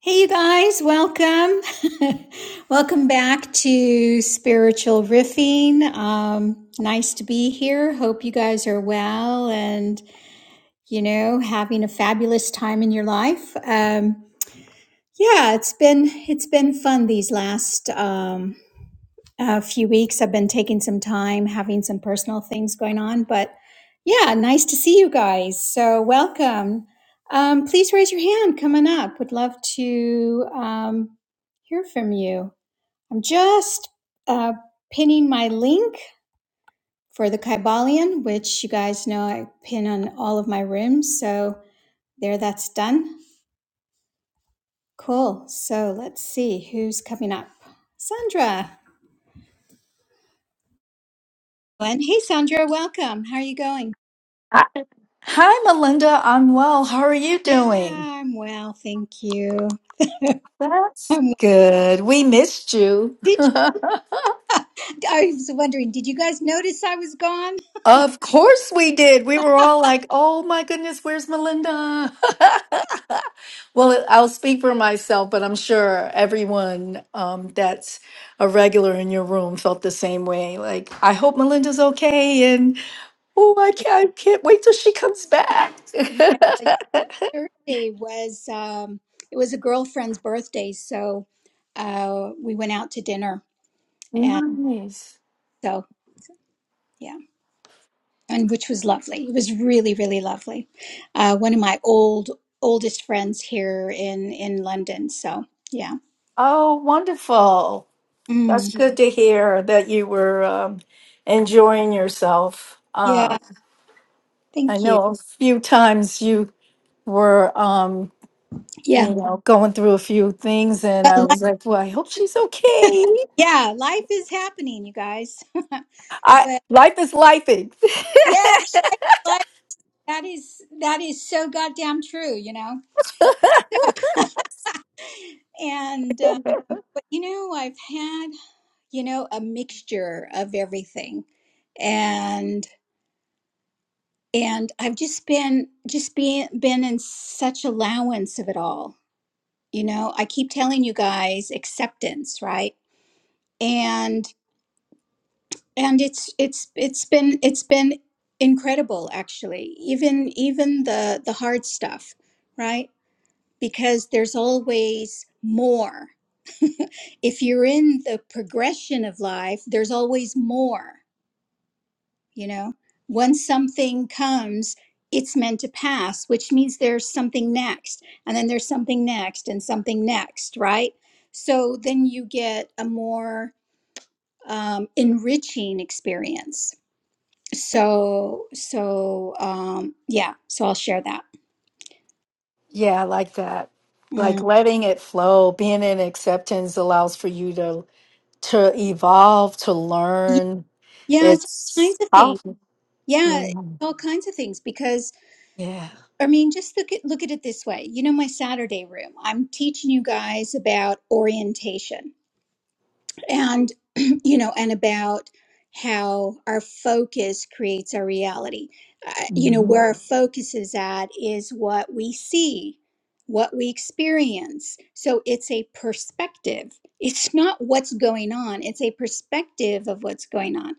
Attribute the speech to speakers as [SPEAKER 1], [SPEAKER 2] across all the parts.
[SPEAKER 1] Hey, you guys, welcome. welcome back to Spiritual Riffing. Um, nice to be here. Hope you guys are well and, you know, having a fabulous time in your life. Um, yeah, it's been, it's been fun these last, um, a few weeks. I've been taking some time, having some personal things going on, but yeah, nice to see you guys. So, welcome. Um, please raise your hand coming up. Would love to um, hear from you. I'm just uh, pinning my link for the Kybalion, which you guys know I pin on all of my rooms. So, there, that's done. Cool. So, let's see who's coming up. Sandra. And hey, Sandra, welcome. How are you going?
[SPEAKER 2] Hi, hi, Melinda. I'm well. How are you doing?
[SPEAKER 1] Yeah, I'm well, thank you.
[SPEAKER 2] That's
[SPEAKER 1] I'm, well.
[SPEAKER 2] good. We missed you.
[SPEAKER 1] did you, I was wondering, did you guys notice I was gone?
[SPEAKER 2] of course we did. We were all like, oh my goodness, where's Melinda? well, I'll speak for myself, but I'm sure everyone um, that's a regular in your room felt the same way. Like, I hope Melinda's okay. And oh, I
[SPEAKER 1] Yeah,
[SPEAKER 2] can't, I can't wait till she comes back.
[SPEAKER 1] yeah, Thursday was um, it was a girlfriend's birthday, so uh, we went out to dinner, and
[SPEAKER 2] nice.
[SPEAKER 1] so yeah, and which was lovely. It was really, really lovely. Uh, one of my old oldest friends here in in London, so yeah.
[SPEAKER 2] Oh, wonderful.
[SPEAKER 1] Mm,
[SPEAKER 2] That's good to hear that you were um, enjoying yourself. Uh,
[SPEAKER 1] yeah,
[SPEAKER 2] I
[SPEAKER 1] thank you.
[SPEAKER 2] know a few times you were, um, you
[SPEAKER 1] Yeah.
[SPEAKER 2] know, going through a few things, and
[SPEAKER 1] Well,
[SPEAKER 2] I
[SPEAKER 1] li-
[SPEAKER 2] was like, "Well, I hope she's okay."
[SPEAKER 1] yeah, life is happening, you guys.
[SPEAKER 2] I
[SPEAKER 1] but
[SPEAKER 2] life is lifing.
[SPEAKER 1] yeah, life, that is that is so goddamn true, you know. And uh, but you know, I've had, you know, a mixture of everything. And and I've just been just being been in such allowance of it all. You know, I keep telling you guys acceptance, right? and it's it's it's been it's been incredible actually even even the the hard stuff right because there's always more if you're in the progression of life there's always more you know once something comes it's meant to pass which means there's something next and then there's something next and something next right so then you get a more um, enriching experience so, so, um, yeah, so I'll share that.
[SPEAKER 2] yeah, I like that. Like
[SPEAKER 1] Mm.
[SPEAKER 2] letting it flow, being in acceptance allows for you to to evolve, to
[SPEAKER 1] Yeah,
[SPEAKER 2] learn.
[SPEAKER 1] yeah, it's all
[SPEAKER 2] It's
[SPEAKER 1] kinds of things.
[SPEAKER 2] powerful. Yeah,
[SPEAKER 1] Yeah, it's all kinds of things because
[SPEAKER 2] yeah,
[SPEAKER 1] I mean, just look at look at it this way. You know, my Saturday room, I'm teaching you guys about orientation. and you know and about how our focus creates our reality uh, you know
[SPEAKER 2] hmm
[SPEAKER 1] where our focus is at is what we see what we experience so it's a perspective it's not what's going on it's a perspective of what's going on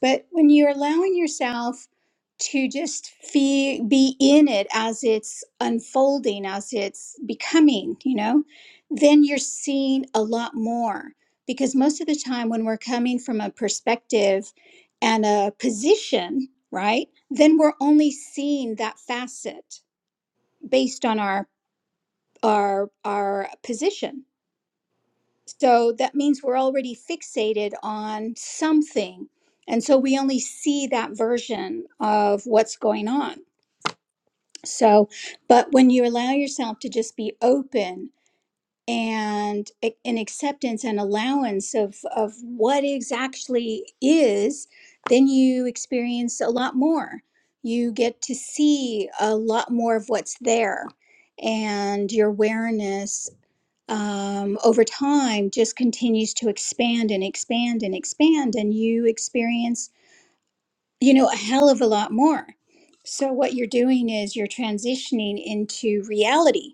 [SPEAKER 1] but when you're allowing yourself to just fee- be in it as it's unfolding as it's becoming you know then you're seeing a lot more because most of the time when we're coming from a perspective and a position right then we're only seeing that facet based on our our our position so that means we're already fixated on something and so we only see that version of what's going on so but when you allow yourself to just be open and a- an acceptance and allowance of of what is actually is then you experience a lot more you get to see a lot more of what's there and your awareness um, over time just continues to expand and expand and expand and you experience you know a hell of a lot more so what you're doing is you're transitioning into reality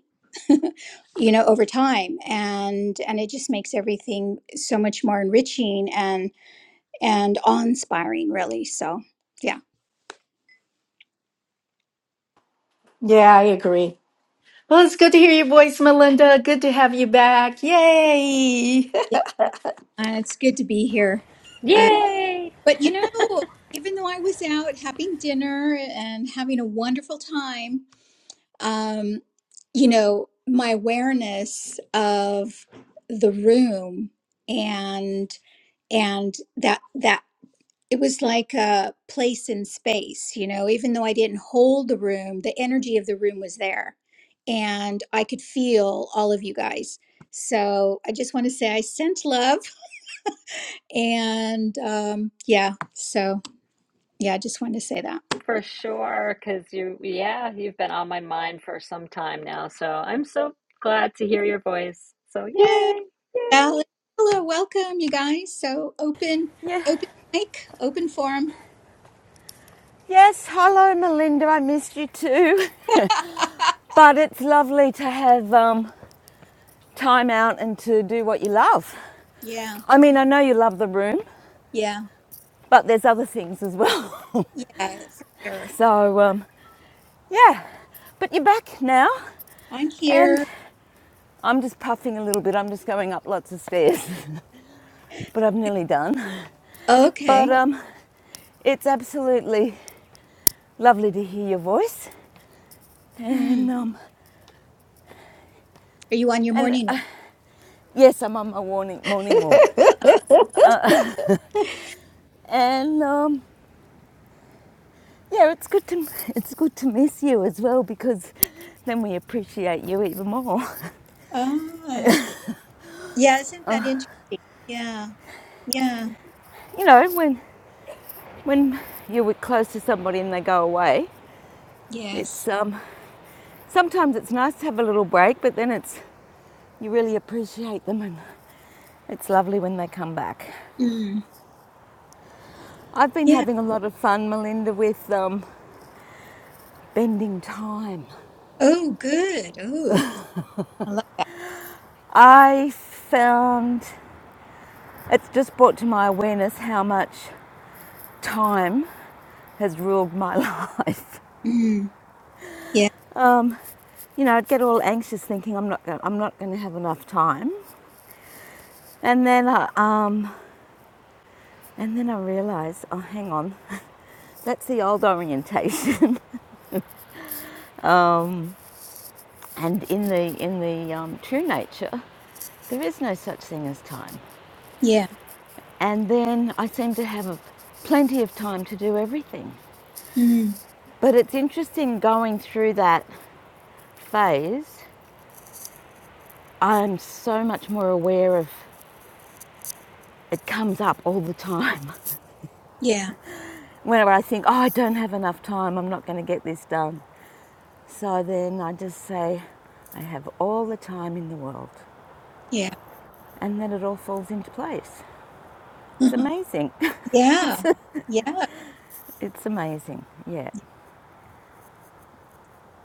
[SPEAKER 1] you know over time and and it just makes everything so much more enriching and and awe-inspiring really so yeah
[SPEAKER 2] yeah. I agree. Well, it's good to hear your voice, Melinda. Good to have you back. Yay!
[SPEAKER 1] Yeah, uh, it's good to be here. Uh,
[SPEAKER 3] Yay!
[SPEAKER 1] but you know, even though I was out having dinner and having a wonderful time, um, you know, my awareness of the room and and that that. it was like a place in space, you know, even though I didn't hold the room, the energy of the room was there and I could feel all of you guys. So I just want to say I sent love and um, yeah, so yeah, I just wanted to say that.
[SPEAKER 3] For sure, because you, yeah, you've been on my mind for some time now. So I'm so glad to hear your voice. So
[SPEAKER 1] Yeah.
[SPEAKER 3] yay! Yay!
[SPEAKER 1] Alan, hello, welcome you guys. So open,
[SPEAKER 4] Yeah.
[SPEAKER 1] open mic, open forum.
[SPEAKER 4] Yes, hello Melinda, I missed you too. but it's lovely to have um, time out and to do what you love.
[SPEAKER 1] yeah,
[SPEAKER 4] I mean, I know you love the room,
[SPEAKER 1] yeah,
[SPEAKER 4] but there's other things as well.
[SPEAKER 1] yeah, for sure.
[SPEAKER 4] so, um, yeah, but you're back now
[SPEAKER 1] I'm
[SPEAKER 4] and
[SPEAKER 1] here.
[SPEAKER 4] I'm just puffing a little bit. I'm just going up lots of stairs, but I'm nearly done. But
[SPEAKER 1] Okay.
[SPEAKER 4] um, it's absolutely lovely to hear your voice.
[SPEAKER 1] Hmm.
[SPEAKER 4] And, um,
[SPEAKER 1] Are you on your
[SPEAKER 4] and
[SPEAKER 1] morning
[SPEAKER 4] uh, yes, I'm on my warning, morning walk. Uh, And um, yeah, it's good to it's good to miss you as well because then we appreciate you even more.
[SPEAKER 1] Oh, yeah, isn't that interesting? Yeah, yeah,
[SPEAKER 4] You know, when when you were close to somebody and they go away,
[SPEAKER 1] yes.
[SPEAKER 4] it's um, sometimes it's nice to have a little break, but then it's you really appreciate them and it's lovely when they come back.
[SPEAKER 1] Mm.
[SPEAKER 4] I've been
[SPEAKER 1] Yeah.
[SPEAKER 4] having a lot of fun, Melinda, with um, bending time.
[SPEAKER 1] Oh, good. Oh, I love that.
[SPEAKER 4] I found it's just brought to my awareness how much time has ruled my life.
[SPEAKER 1] Mm. Yeah,
[SPEAKER 4] Um, you know, I'd get all anxious thinking I'm not gonna, I'm not going to have enough time, and then I, um, and then I realised, oh, hang on, that's the old orientation. um, and in the in the um, true nature, there is no such thing as time.
[SPEAKER 1] yeah,
[SPEAKER 4] And then I seem to have a, plenty of time to do everything.
[SPEAKER 1] mm.
[SPEAKER 4] But it's interesting going through that phase. I'm so much more aware of It comes up all the time.
[SPEAKER 1] yeah,
[SPEAKER 4] Whenever I think, oh, I don't have enough time, I'm not going to get this done. So then I just say, I have all the time in the world.
[SPEAKER 1] yeah,
[SPEAKER 4] And then it all falls into place. It's amazing.
[SPEAKER 1] yeah, yeah,
[SPEAKER 4] It's amazing. Yeah.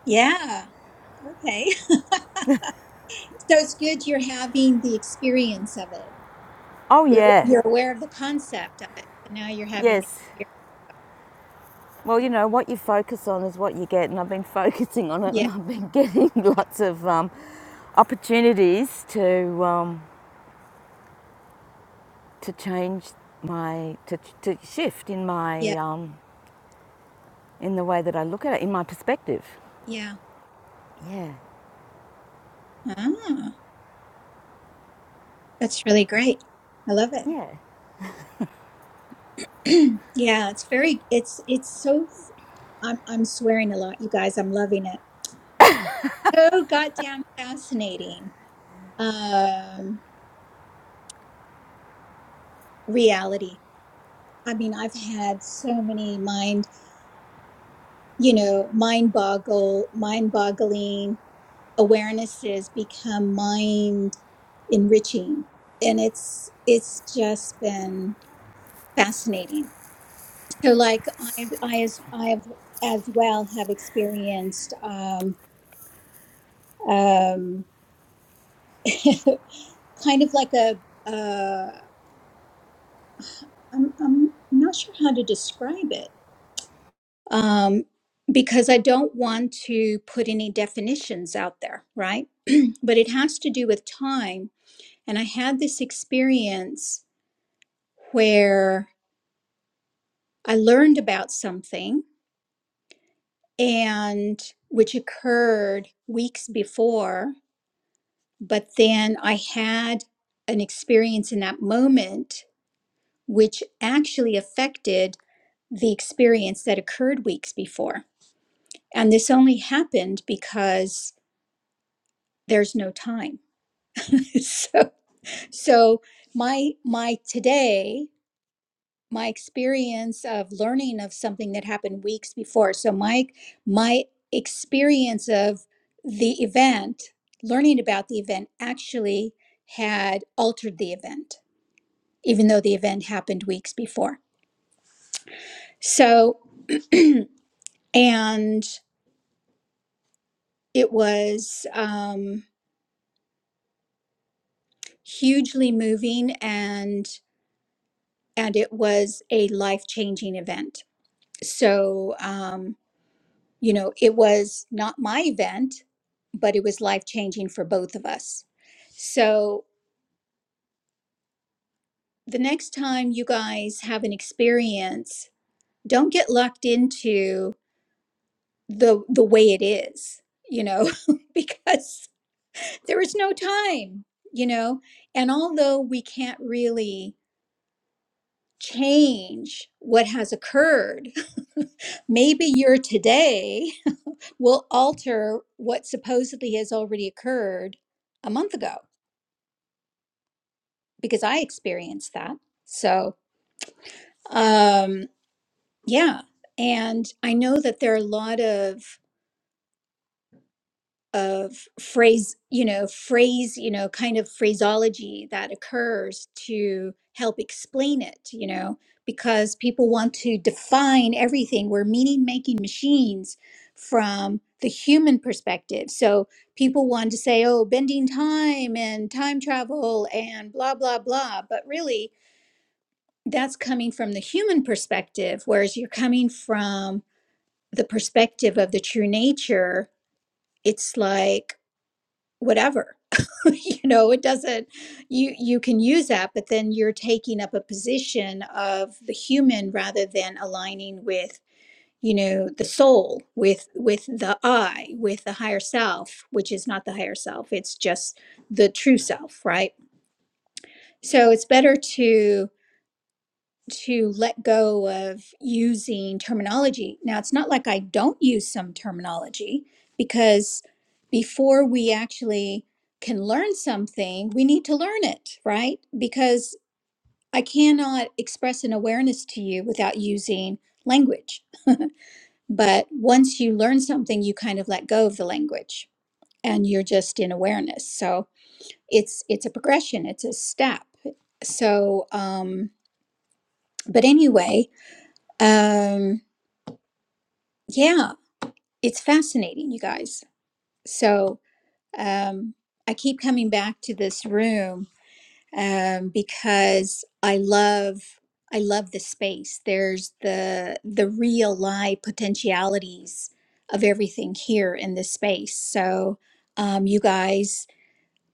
[SPEAKER 1] yeah. Okay. So it's good you're having the experience of it.
[SPEAKER 4] Oh,
[SPEAKER 1] You're
[SPEAKER 4] yeah.
[SPEAKER 1] you're aware of the concept of it, but now you're having the
[SPEAKER 4] Yes.
[SPEAKER 1] experience.
[SPEAKER 4] Well, you
[SPEAKER 1] Yeah,
[SPEAKER 4] know, what you focus on is what you get. And I've been focusing on it and
[SPEAKER 1] yeah,
[SPEAKER 4] I've been getting lots of um, opportunities to um, to change my to, to shift in
[SPEAKER 1] yeah,
[SPEAKER 4] my um, in the way that I look at it, in my perspective.
[SPEAKER 1] yeah. yeah.
[SPEAKER 4] Yeah,
[SPEAKER 1] Ah, that's really great. I love it.
[SPEAKER 4] yeah.
[SPEAKER 1] yeah, it's very. It's it's so I'm I'm swearing a lot, you guys. I'm loving it. So goddamn fascinating. Um, reality. I mean, I've had so many mind, you know, mind boggle, mind boggling awarenesses become mind enriching, and it's it's just been fascinating. So, like I I as I have as well have experienced um um kind of like a uh I'm I'm not sure how to describe it um, because I don't want to put any definitions out there, right? but it has to do with time, and I had this experience where I learned about something and which occurred weeks before, but then I had an experience in that moment which actually affected the experience that occurred weeks before. and this only happened because there's no time so so my my today my experience of learning of something that happened weeks before so my my experience of the event learning about the event actually had altered the event even though the event happened weeks before so and it was um hugely moving and. and it was a life changing event. So, um, you know, it was not my event, but it was life changing for both of us. So, the next time you guys have an experience, don't get locked into the the way it is, you know, because there is no time, you know. And although we can't really change what has occurred, maybe your today will alter what supposedly has already occurred a month ago because I experienced that. So, um, yeah. And I know that there are a lot of of phrase you know phrase you know kind of phraseology that occurs to help explain it you know because people want to define everything we're meaning making machines from the human perspective so people want to say oh bending time and time travel and blah blah blah but really that's coming from the human perspective whereas you're coming from the perspective of the true nature it's like whatever you know it doesn't you you can use that but then you're taking up a position of the human rather than aligning with you know the soul with with the i with the higher self which is not the higher self it's just the true self right so it's better to to let go of using terminology. Now, it's not like I don't use some terminology because before we actually can learn something, we need to learn it, right? Because I cannot express an awareness to you without using language. But once you learn something, you kind of let go of the language and you're just in awareness. So it's it's a progression, it's a step. So um but anyway, um Yeah, it's fascinating, you guys. So um, I keep coming back to this room um, because I love I love the space. There's the the real live potentialities of everything here in this space. So um, you guys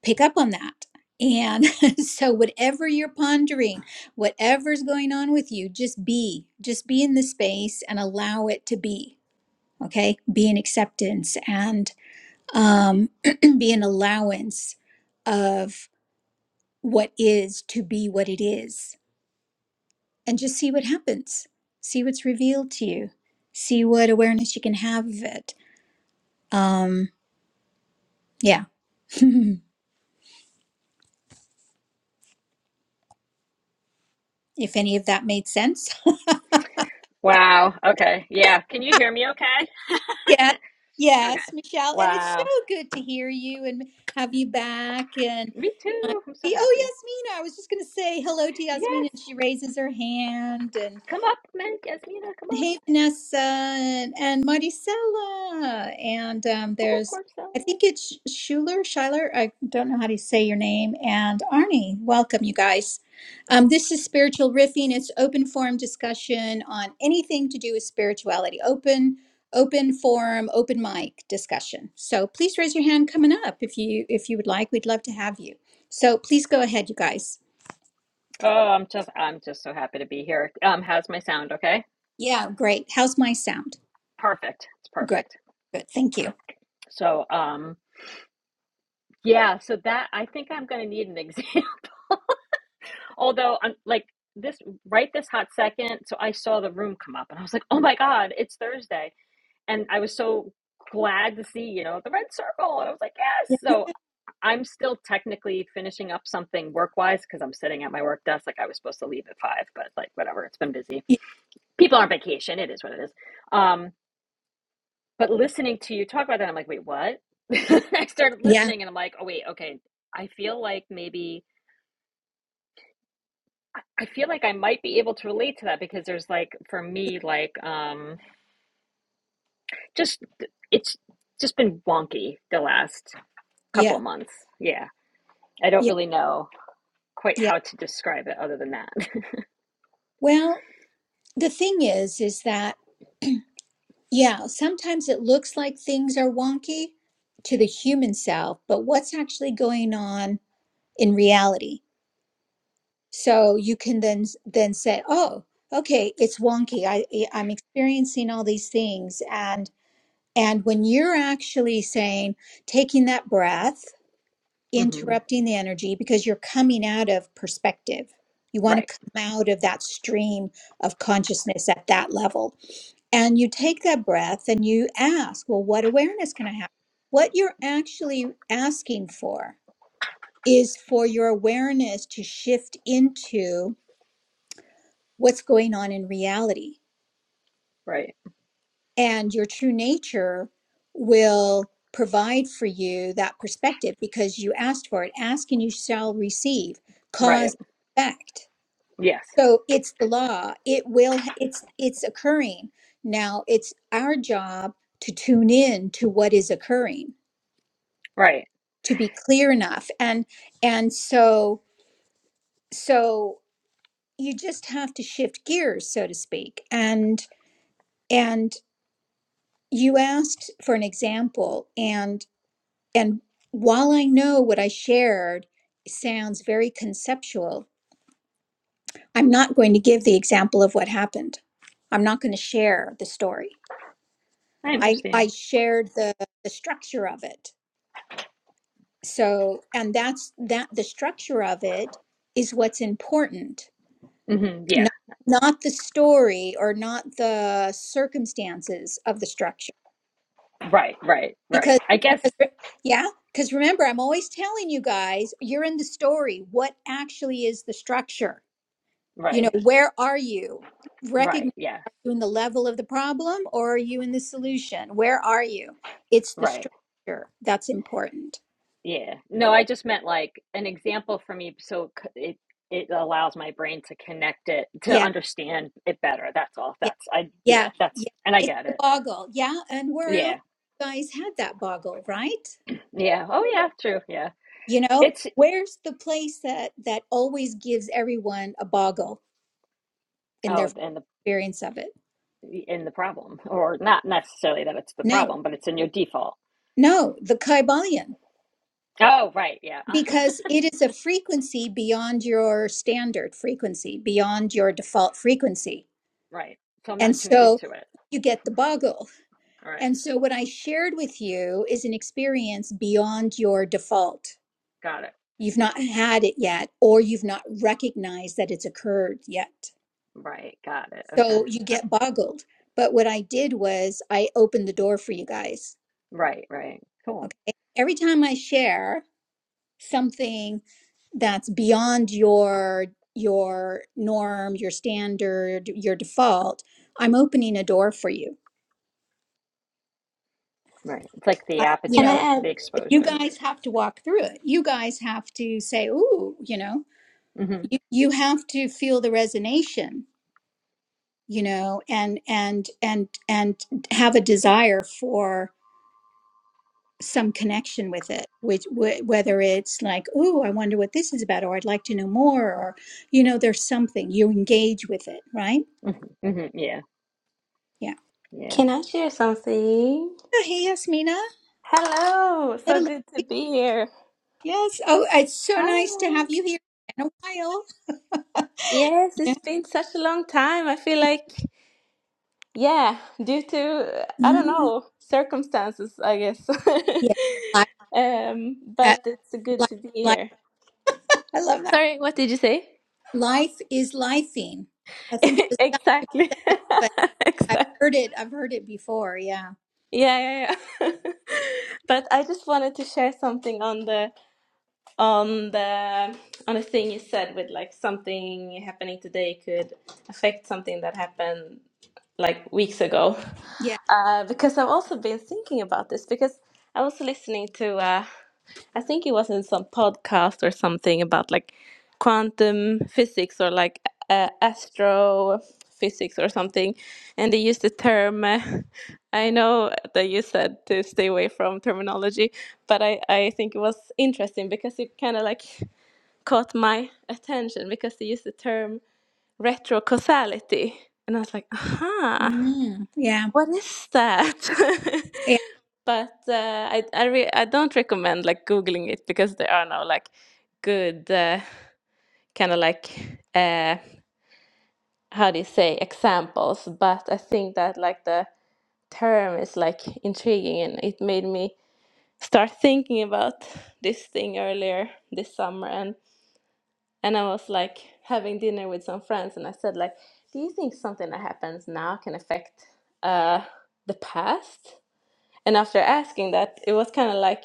[SPEAKER 1] pick up on that. And so whatever you're pondering, whatever's going on with you, just be, just be in the space and allow it to be okay be an acceptance and um, be an allowance of what is to be what it is and just see what happens see what's revealed to you see what awareness you can have of it um yeah if any of that made sense
[SPEAKER 3] Wow. Okay. Yeah. Can you hear me okay?
[SPEAKER 1] yes yes
[SPEAKER 3] Okay.
[SPEAKER 1] michelle and it's
[SPEAKER 3] Wow.
[SPEAKER 1] so good to hear you and have you back and
[SPEAKER 3] Me
[SPEAKER 1] I,
[SPEAKER 3] too. I'm so
[SPEAKER 1] see, oh
[SPEAKER 3] happy.
[SPEAKER 1] yasmina i was just going to say hello to
[SPEAKER 3] Yes.
[SPEAKER 1] yasmina and she raises her hand and.
[SPEAKER 3] Come up, man. Yasmina, come up.
[SPEAKER 1] Hey, Vanessa and, Maricela. And um,
[SPEAKER 3] Oh,
[SPEAKER 1] there's,
[SPEAKER 3] Marcella.
[SPEAKER 1] I think it's Schuler, Schuyler. I don't know how to say your name. And Arnie, welcome, you guys. Um, this is Spiritual Riffing. It's open forum discussion on anything to do with spirituality. Open, open forum, open mic discussion. So please raise your hand coming up if you if you would like. We'd love to have you. So please go ahead, you guys.
[SPEAKER 3] Oh, I'm just, I'm just so happy to be here. Um, how's my sound? Okay.
[SPEAKER 1] Yeah, great. How's my sound?
[SPEAKER 3] Perfect. It's
[SPEAKER 1] Good.
[SPEAKER 3] perfect.
[SPEAKER 1] Good. Thank you.
[SPEAKER 3] So, um, yeah, so that I think I'm going to need an exam. Although I'm like this right this hot second, so I saw the room come up and I was like, "Oh my God, it's Thursday!" And I was so glad to see you know the red circle, and I was like, "Yes!" So I'm still technically finishing up something work wise because I'm sitting at my work desk. Like I was supposed to leave at five, but like whatever, it's been busy. People are on vacation. It is what it is. Um, but listening to you talk about that, I'm like, "Wait, what?" I started
[SPEAKER 1] Yeah.
[SPEAKER 3] listening, and I'm like, "Oh wait, okay." I feel like maybe. I feel like I might be able to relate to that because there's like for me like um just it's just been wonky the last couple
[SPEAKER 1] Yeah,
[SPEAKER 3] of months. Yeah. I don't
[SPEAKER 1] yeah,
[SPEAKER 3] really know quite
[SPEAKER 1] yeah.
[SPEAKER 3] how to describe it other than that.
[SPEAKER 1] Well, the thing is, is that, yeah, sometimes it looks like things are wonky to the human self, but what's actually going on in reality? So you can then then say, "Oh, okay, it's wonky. I I- I'm experiencing all these things." And and when you're actually saying, taking that breath
[SPEAKER 3] hmm
[SPEAKER 1] interrupting the energy because you're coming out of perspective. You want
[SPEAKER 3] Right.
[SPEAKER 1] to come out of that stream of consciousness at that level. And you take that breath and you ask, well, what awareness can I have? What you're actually asking for is for your awareness to shift into what's going on in reality.
[SPEAKER 3] Right.
[SPEAKER 1] And your true nature will provide for you that perspective because you asked for it. Ask and you shall receive,
[SPEAKER 3] Right.
[SPEAKER 1] cause, effect.
[SPEAKER 3] Yes.
[SPEAKER 1] So it's the law. It will, it's, it's occurring. Now it's our job to tune in to what is occurring,
[SPEAKER 3] Right.
[SPEAKER 1] to be clear enough. And, and so, so you just have to shift gears, so to speak. And, and you asked for an example and, and while I know what I shared sounds very conceptual, I'm not going to give the example of what happened. I'm not going to share the story
[SPEAKER 3] I
[SPEAKER 1] I I
[SPEAKER 3] understand.
[SPEAKER 1] shared the the structure of it. So, and that's that the structure of it is what's important,
[SPEAKER 3] hmm Yeah.
[SPEAKER 1] not not the story or not the circumstances of the structure.
[SPEAKER 3] Right. Right. Right.
[SPEAKER 1] Because
[SPEAKER 3] I guess
[SPEAKER 1] because re- yeah, because remember, I'm always telling you guys, you're in the story. What actually is the structure? You know,
[SPEAKER 3] right.
[SPEAKER 1] where are you?
[SPEAKER 3] Right.
[SPEAKER 1] Recognize
[SPEAKER 3] Yeah.
[SPEAKER 1] are you in the level of the problem or are you in the solution? Where are you? It's the
[SPEAKER 3] Right.
[SPEAKER 1] structure that's important.
[SPEAKER 3] Yeah. No, I just meant like an example for me so c- it it allows my brain to connect it to
[SPEAKER 1] Yeah,
[SPEAKER 3] understand it better. That's all.
[SPEAKER 1] yeah,
[SPEAKER 3] That's I yeah,
[SPEAKER 1] yeah,
[SPEAKER 3] that's
[SPEAKER 1] yeah.
[SPEAKER 3] and I
[SPEAKER 1] It's
[SPEAKER 3] get
[SPEAKER 1] the
[SPEAKER 3] it.
[SPEAKER 1] boggle. Yeah, and where else
[SPEAKER 3] Yeah.
[SPEAKER 1] you guys had that boggle, right?
[SPEAKER 3] Yeah. Oh yeah, true. Yeah.
[SPEAKER 1] You know,
[SPEAKER 3] It's
[SPEAKER 1] where's the place that that always gives everyone a boggle in their
[SPEAKER 3] oh, and the
[SPEAKER 1] experience of it?
[SPEAKER 3] in the problem or not necessarily that it's the
[SPEAKER 1] No,
[SPEAKER 3] problem, but it's in your default.
[SPEAKER 1] no, the Kybalion,
[SPEAKER 3] Oh, right. Yeah.
[SPEAKER 1] because it is a frequency beyond your standard frequency, beyond your default frequency,
[SPEAKER 3] right. So I'm
[SPEAKER 1] and
[SPEAKER 3] not tuned
[SPEAKER 1] so
[SPEAKER 3] into it.
[SPEAKER 1] you get the boggle.
[SPEAKER 3] All right.
[SPEAKER 1] And so what I shared with you is an experience beyond your default
[SPEAKER 3] Got it.
[SPEAKER 1] you've not had it yet or you've not recognized that it's occurred yet
[SPEAKER 3] Right. Got it. Okay.
[SPEAKER 1] so you get boggled but what i did was i opened the door for you guys
[SPEAKER 3] Right, right. Cool.
[SPEAKER 1] okay every time i share something that's beyond your your norm your standard your default i'm opening a door for you
[SPEAKER 3] Right. It's like the
[SPEAKER 1] I, you
[SPEAKER 5] Can I
[SPEAKER 1] know
[SPEAKER 3] aperture,
[SPEAKER 5] add,
[SPEAKER 3] the
[SPEAKER 1] you
[SPEAKER 3] exposure.
[SPEAKER 1] guys have to walk through it you guys have to say ooh you know
[SPEAKER 3] Mhm.
[SPEAKER 1] you, you have to feel the resonation you know and and and and have a desire for some connection with it which wh- whether it's like oh i wonder what this is about or i'd like to know more or you know there's something you engage with it right
[SPEAKER 3] Mhm. Mhm. Yeah.
[SPEAKER 1] yeah
[SPEAKER 3] Yeah.
[SPEAKER 5] can I share something?
[SPEAKER 1] Oh, hey yasmina
[SPEAKER 5] Hello, so
[SPEAKER 1] Hello,
[SPEAKER 5] good to
[SPEAKER 1] lovely.
[SPEAKER 5] be here.
[SPEAKER 1] yes oh it's so
[SPEAKER 3] Hi.
[SPEAKER 1] nice to have you here in a while
[SPEAKER 5] Yes,
[SPEAKER 1] yeah
[SPEAKER 5] it's been such a long time. I feel like, yeah, due to, uh, I don't
[SPEAKER 1] Mhm.
[SPEAKER 5] know, circumstances, I guess.
[SPEAKER 1] yeah life,
[SPEAKER 5] um,
[SPEAKER 1] uh,
[SPEAKER 5] but it's good
[SPEAKER 1] life,
[SPEAKER 5] to be
[SPEAKER 1] life
[SPEAKER 5] here.
[SPEAKER 1] i love that
[SPEAKER 5] Sorry, what did you say?
[SPEAKER 1] life is lifing i think it was Scott
[SPEAKER 5] Exactly.
[SPEAKER 1] said it, but i've
[SPEAKER 5] Exactly.
[SPEAKER 1] heard it i've heard it before Yeah.
[SPEAKER 5] Yeah, yeah, yeah. But I just wanted to share something on the on the on a thing you said with like something happening today could affect something that happened like weeks ago
[SPEAKER 1] Yeah.
[SPEAKER 5] uh, because I've also been thinking about this because I was listening to uh, I think it was in some podcast or something about like quantum physics or like uh, astrophysics or something, and they used the term. Uh, I know that you said to stay away from terminology, but I, I think it was interesting because it kind of like caught my attention because they used the term retrocausality. And I was like, aha.
[SPEAKER 1] Mm, yeah.
[SPEAKER 5] What is that?
[SPEAKER 1] Yeah.
[SPEAKER 5] But uh, I I, re- I don't recommend like Googling it because there are no like good uh, kind of like uh, how do you say examples. But I think that like the term is like intriguing and it made me start thinking about this thing earlier this summer and and I was like having dinner with some friends and I said like, do you think something that happens now can affect uh, the past? And after asking that, it was kind of like,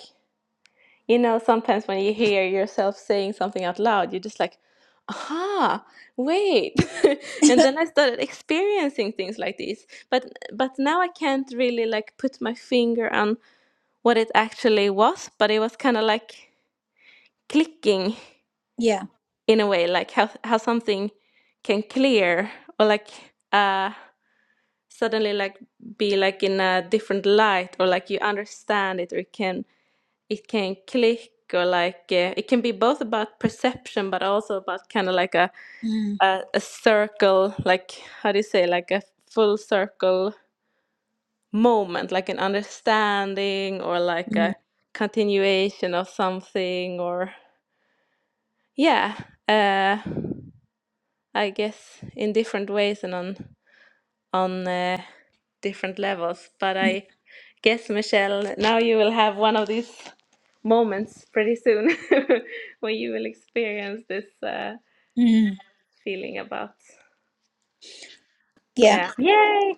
[SPEAKER 5] you know, sometimes when you hear yourself saying something out loud, you're just like, aha, wait. and then I started experiencing things like this. But but now I can't really like put my finger on what it actually was, but it was kind of like clicking
[SPEAKER 1] Yeah.
[SPEAKER 5] in a way, like how how something can clear or like uh suddenly like be like in a different light or like you understand it or you can it can click or like uh, it can be both about perception but also about kind of like a,
[SPEAKER 1] Mm,
[SPEAKER 5] a a circle like how do you say like a full circle moment like an understanding or like
[SPEAKER 1] mm,
[SPEAKER 5] a continuation of something or yeah uh i guess in different ways and on on uh, different levels. But
[SPEAKER 1] mm,
[SPEAKER 5] I guess, Michelle, now you will have one of these moments pretty soon when you will experience this uh,
[SPEAKER 1] mm.
[SPEAKER 5] feeling about,
[SPEAKER 1] Yeah.
[SPEAKER 5] yeah.
[SPEAKER 3] Yay.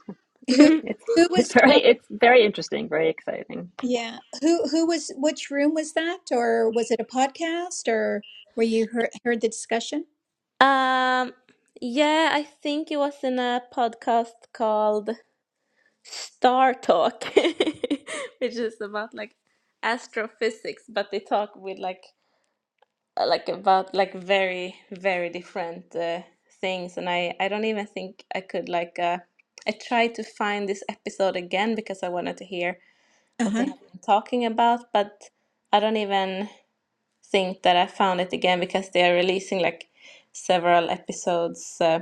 [SPEAKER 1] Who
[SPEAKER 3] It's
[SPEAKER 1] who
[SPEAKER 3] it's
[SPEAKER 1] was talking?
[SPEAKER 3] very it's very interesting, very exciting.
[SPEAKER 1] Yeah. Who who was which room was that or was it a podcast or were you heard heard the discussion?
[SPEAKER 5] Um, yeah, I think it was in a podcast called Star Talk, which is about like astrophysics, but they talk with like uh, like about like very very different uh, things and I I don't even think I could like uh I tried to find this episode again because I wanted to hear what they
[SPEAKER 1] Uh-huh.
[SPEAKER 5] have been talking about but I don't even think that I found it again because they are releasing like several episodes uh,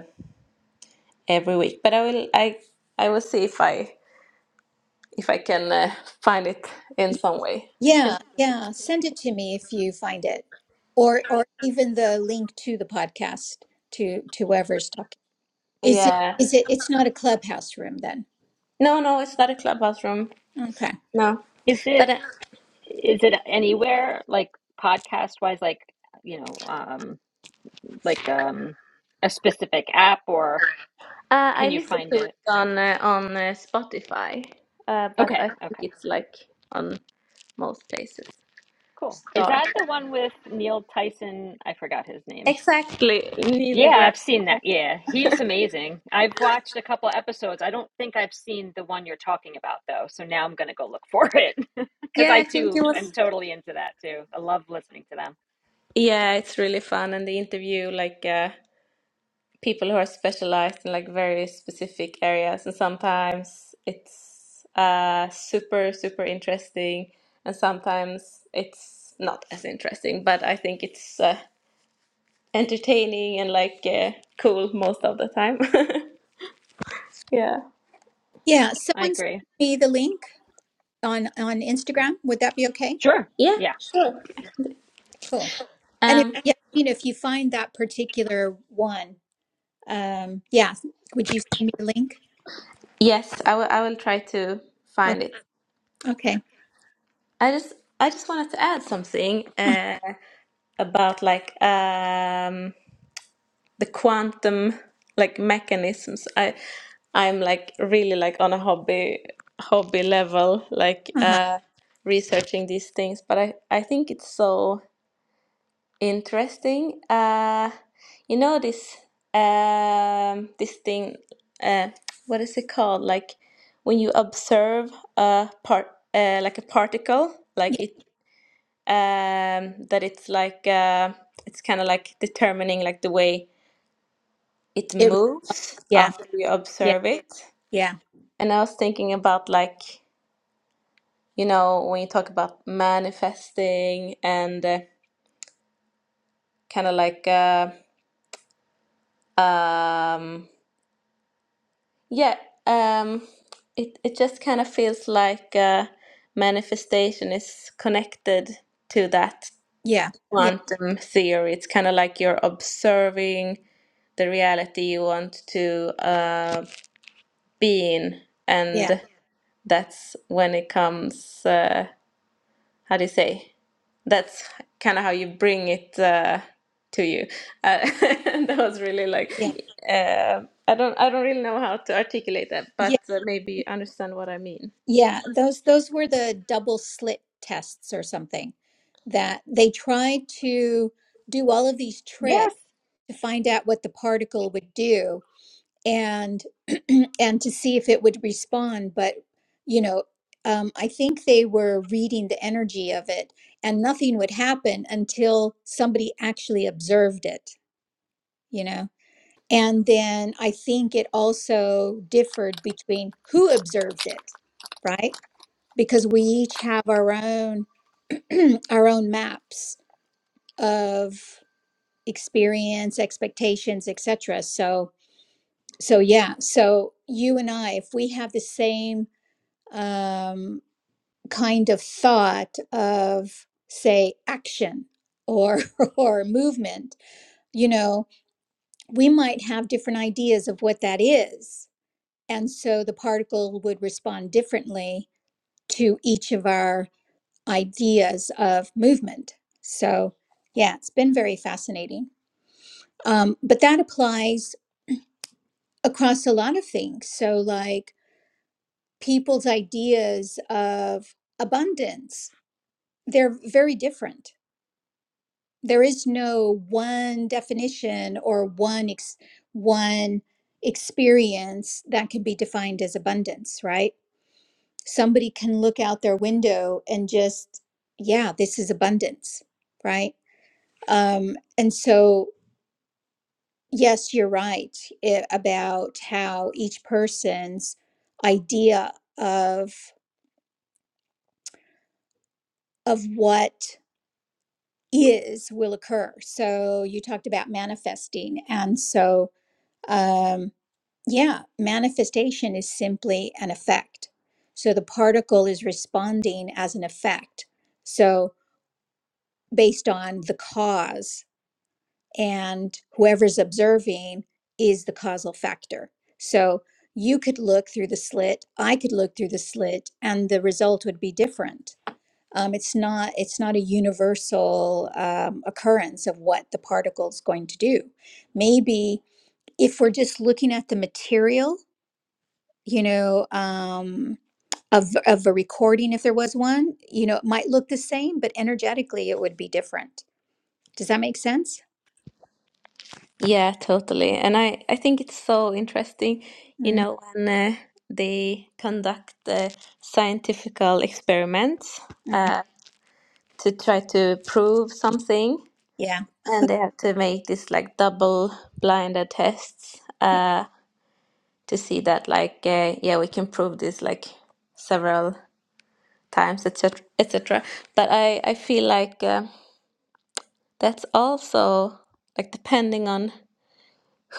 [SPEAKER 5] every week but I will I I will see if I if I can uh, find it in some way I can
[SPEAKER 1] Yeah. Yeah. Send it to me if you find it. Or or even the link to the podcast to to whoever's talking. Is it
[SPEAKER 5] yeah
[SPEAKER 1] is it it's not a clubhouse room then?
[SPEAKER 5] no no it's not a clubhouse room
[SPEAKER 1] Okay.
[SPEAKER 5] no
[SPEAKER 3] Is it
[SPEAKER 5] but uh,
[SPEAKER 3] is it anywhere like podcast wise like you know um like um a specific app or
[SPEAKER 5] Uh, I
[SPEAKER 3] can you
[SPEAKER 5] listen
[SPEAKER 3] find
[SPEAKER 5] to it
[SPEAKER 3] it?
[SPEAKER 5] on uh, on uh, Spotify, uh, but
[SPEAKER 3] Okay,
[SPEAKER 5] I think
[SPEAKER 3] okay.
[SPEAKER 5] it's like on most places.
[SPEAKER 3] Cool. Is
[SPEAKER 5] Star.
[SPEAKER 3] that the one with Neil Tyson? I forgot his name.
[SPEAKER 5] Exactly, Neil
[SPEAKER 3] Yeah,
[SPEAKER 5] deGrasse.
[SPEAKER 3] I've seen that.
[SPEAKER 5] Tyson.
[SPEAKER 3] Yeah, he's amazing. I've watched a couple episodes. I don't think I've seen the one you're talking about though, so now I'm gonna go look for it because I
[SPEAKER 5] Yeah, I think it
[SPEAKER 3] too am
[SPEAKER 5] was.
[SPEAKER 3] totally into that too. I love listening to them.
[SPEAKER 5] Yeah, it's really fun, and they interview like uh, people who are specialized in like very specific areas, and sometimes it's uh, super super interesting, and sometimes it's not as interesting. But I think it's. Uh, entertaining and like uh, cool most of the time. yeah.
[SPEAKER 1] Yeah,
[SPEAKER 3] I
[SPEAKER 1] someone send
[SPEAKER 3] agree.
[SPEAKER 1] me the link on on Instagram. Would that be okay?
[SPEAKER 3] Sure.
[SPEAKER 5] Yeah,
[SPEAKER 3] Yeah.
[SPEAKER 5] sure.
[SPEAKER 1] Cool. And if,
[SPEAKER 5] Um
[SPEAKER 1] yeah, I mean, if you find that particular one, um, yeah, would you send me a link?
[SPEAKER 5] yes, I will I will try to
[SPEAKER 1] Okay.
[SPEAKER 5] find it.
[SPEAKER 1] okay.
[SPEAKER 5] I just I just wanted to add something
[SPEAKER 1] Uh,
[SPEAKER 5] uh about like um the quantum like mechanisms. I I'm like really like on a hobby hobby level like
[SPEAKER 1] Uh-huh.
[SPEAKER 5] uh researching these things, but I I think it's so Interesting. Uh, you know this um this thing uh what is it called? Like when you observe a part uh like a particle,
[SPEAKER 1] Yeah,
[SPEAKER 5] like it um that it's like uh it's kind of like determining like the way it
[SPEAKER 1] it,
[SPEAKER 5] moves
[SPEAKER 1] yeah.
[SPEAKER 5] after you
[SPEAKER 1] Yeah.
[SPEAKER 5] observe it.
[SPEAKER 1] Yeah.
[SPEAKER 5] And I was thinking about like you know when you talk about manifesting and uh, kind of like uh um Yeah, um, it it just kind of feels like uh, manifestation is connected to that
[SPEAKER 1] Yeah. Yeah.
[SPEAKER 5] quantum theory. It's kind of like you're observing the reality you want to uh, be in,
[SPEAKER 1] Yeah.
[SPEAKER 5] and that's when it comes. Uh, how do you say? that's kind of how you bring it uh, to you. Uh, that was really like
[SPEAKER 1] Yeah.
[SPEAKER 5] uh, I don't I don't really know how to articulate that, but
[SPEAKER 1] Yeah.
[SPEAKER 5] uh, maybe you understand what I mean.
[SPEAKER 1] Yeah. Those those were the double slit tests or something that they tried to do all of these tricks
[SPEAKER 3] Yes.
[SPEAKER 1] to find out what the particle would do and and to see if it would respond but you know um, i think they were reading the energy of it and nothing would happen until somebody actually observed it you know and then i think it also differed between who observed it right because we each have our own our own maps of experience expectations etc so so yeah so you and i if we have the same um, kind of thought of say action or or movement you know we might have different ideas of what that is and so the particle would respond differently to each of our ideas of movement so yeah it's been very fascinating um, but that applies across a lot of things so like people's ideas of abundance they're very different there is no one definition or one ex- one experience that can be defined as abundance right somebody can look out their window and just yeah this is abundance right um and so yes you're right i- about how each person's idea of of what is will occur. So you talked about manifesting. And so, um, yeah, manifestation is simply an effect. So the particle is responding as an effect. So based on the cause, and whoever's observing is the causal factor. So you could look through the slit, I could look through the slit, and the result would be different um, it's not it's not a universal um, occurrence of what the particle is going to do. Maybe if we're just looking at the material, you know, um, of of a recording, if there was one, you know, it might look the same, but energetically it would be different. Does that make sense?
[SPEAKER 5] Yeah, totally. And I I think it's so interesting, you
[SPEAKER 1] mm
[SPEAKER 5] know, when uh, they conduct uh, scientifical experiments
[SPEAKER 1] mm.
[SPEAKER 5] uh, to try to prove something,
[SPEAKER 1] Yeah.
[SPEAKER 5] and they have to make these like double blinded tests. Uh, to see that like uh, yeah we can prove this like several times etc etc but i i feel like uh, that's also like depending on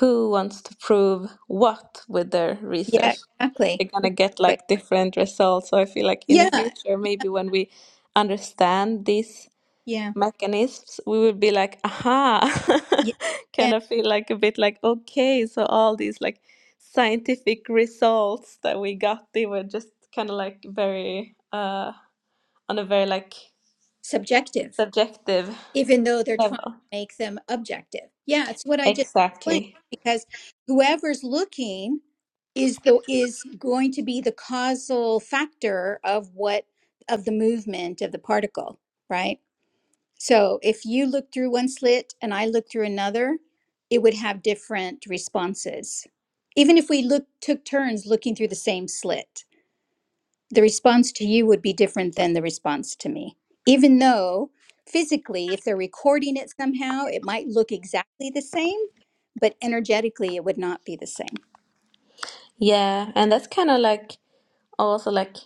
[SPEAKER 5] who wants to prove what with their
[SPEAKER 1] Yeah.
[SPEAKER 5] research
[SPEAKER 1] Exactly.
[SPEAKER 5] they're gonna get
[SPEAKER 1] But
[SPEAKER 5] like different results so i feel like in the
[SPEAKER 1] yeah.
[SPEAKER 5] future maybe when we understand these
[SPEAKER 1] Yeah.
[SPEAKER 5] mechanisms, we would be like, aha,
[SPEAKER 1] Yeah. Yeah.
[SPEAKER 5] kind of feel like a bit like, okay, so all these like scientific results that we got, they were just kind of like very, uh, on a very like
[SPEAKER 1] Subjective.
[SPEAKER 5] subjective
[SPEAKER 1] even though they're trying
[SPEAKER 5] level.
[SPEAKER 1] to make them objective. Yeah, it's what I just explained
[SPEAKER 5] Exactly.
[SPEAKER 1] because whoever's looking is the is going to be the causal factor of what of the movement of the particle, right? So if you look through one slit and I look through another, it would have different responses. Even if we look took turns looking through the same slit the response to you would be different than the response to me. Even though physically, if they're recording it somehow, it might look exactly the same, but energetically, it would not be the same.
[SPEAKER 5] Yeah. And that's kind of like also like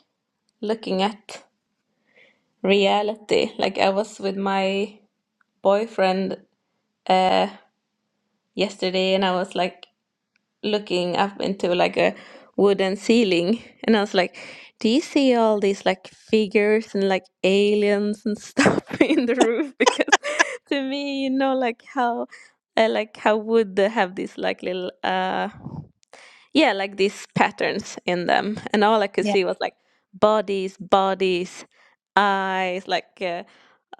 [SPEAKER 5] looking at reality. Like I was with my boyfriend uh yesterday and I was like looking up into like a wooden ceiling and I was like, do you see all these like figures and like aliens and stuff in the roof? Because to me, you know, like how I like how wood they have these like little uh yeah, like these patterns in them. And all I could
[SPEAKER 1] Yeah.
[SPEAKER 5] see was like bodies, bodies, eyes, like uh,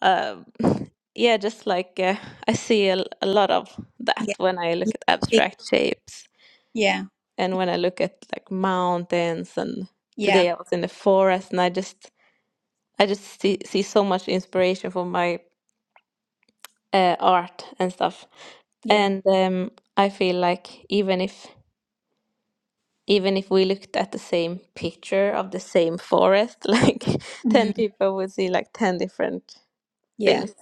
[SPEAKER 5] uh yeah, just like uh, I see a, a lot of that
[SPEAKER 1] Yeah.
[SPEAKER 5] when I look
[SPEAKER 1] Yeah.
[SPEAKER 5] at
[SPEAKER 1] Big-
[SPEAKER 5] abstract shapes
[SPEAKER 1] Yeah.
[SPEAKER 5] and when I look at like mountains and
[SPEAKER 1] Yeah.
[SPEAKER 5] today I was in the forest and I just I just see, see so much inspiration for my uh, art and stuff.
[SPEAKER 1] Yeah.
[SPEAKER 5] And um, I feel like even if even if we looked at the same picture of the same forest, like
[SPEAKER 1] Mm,
[SPEAKER 5] 10 people would see like 10 different
[SPEAKER 1] Yeah.
[SPEAKER 5] things.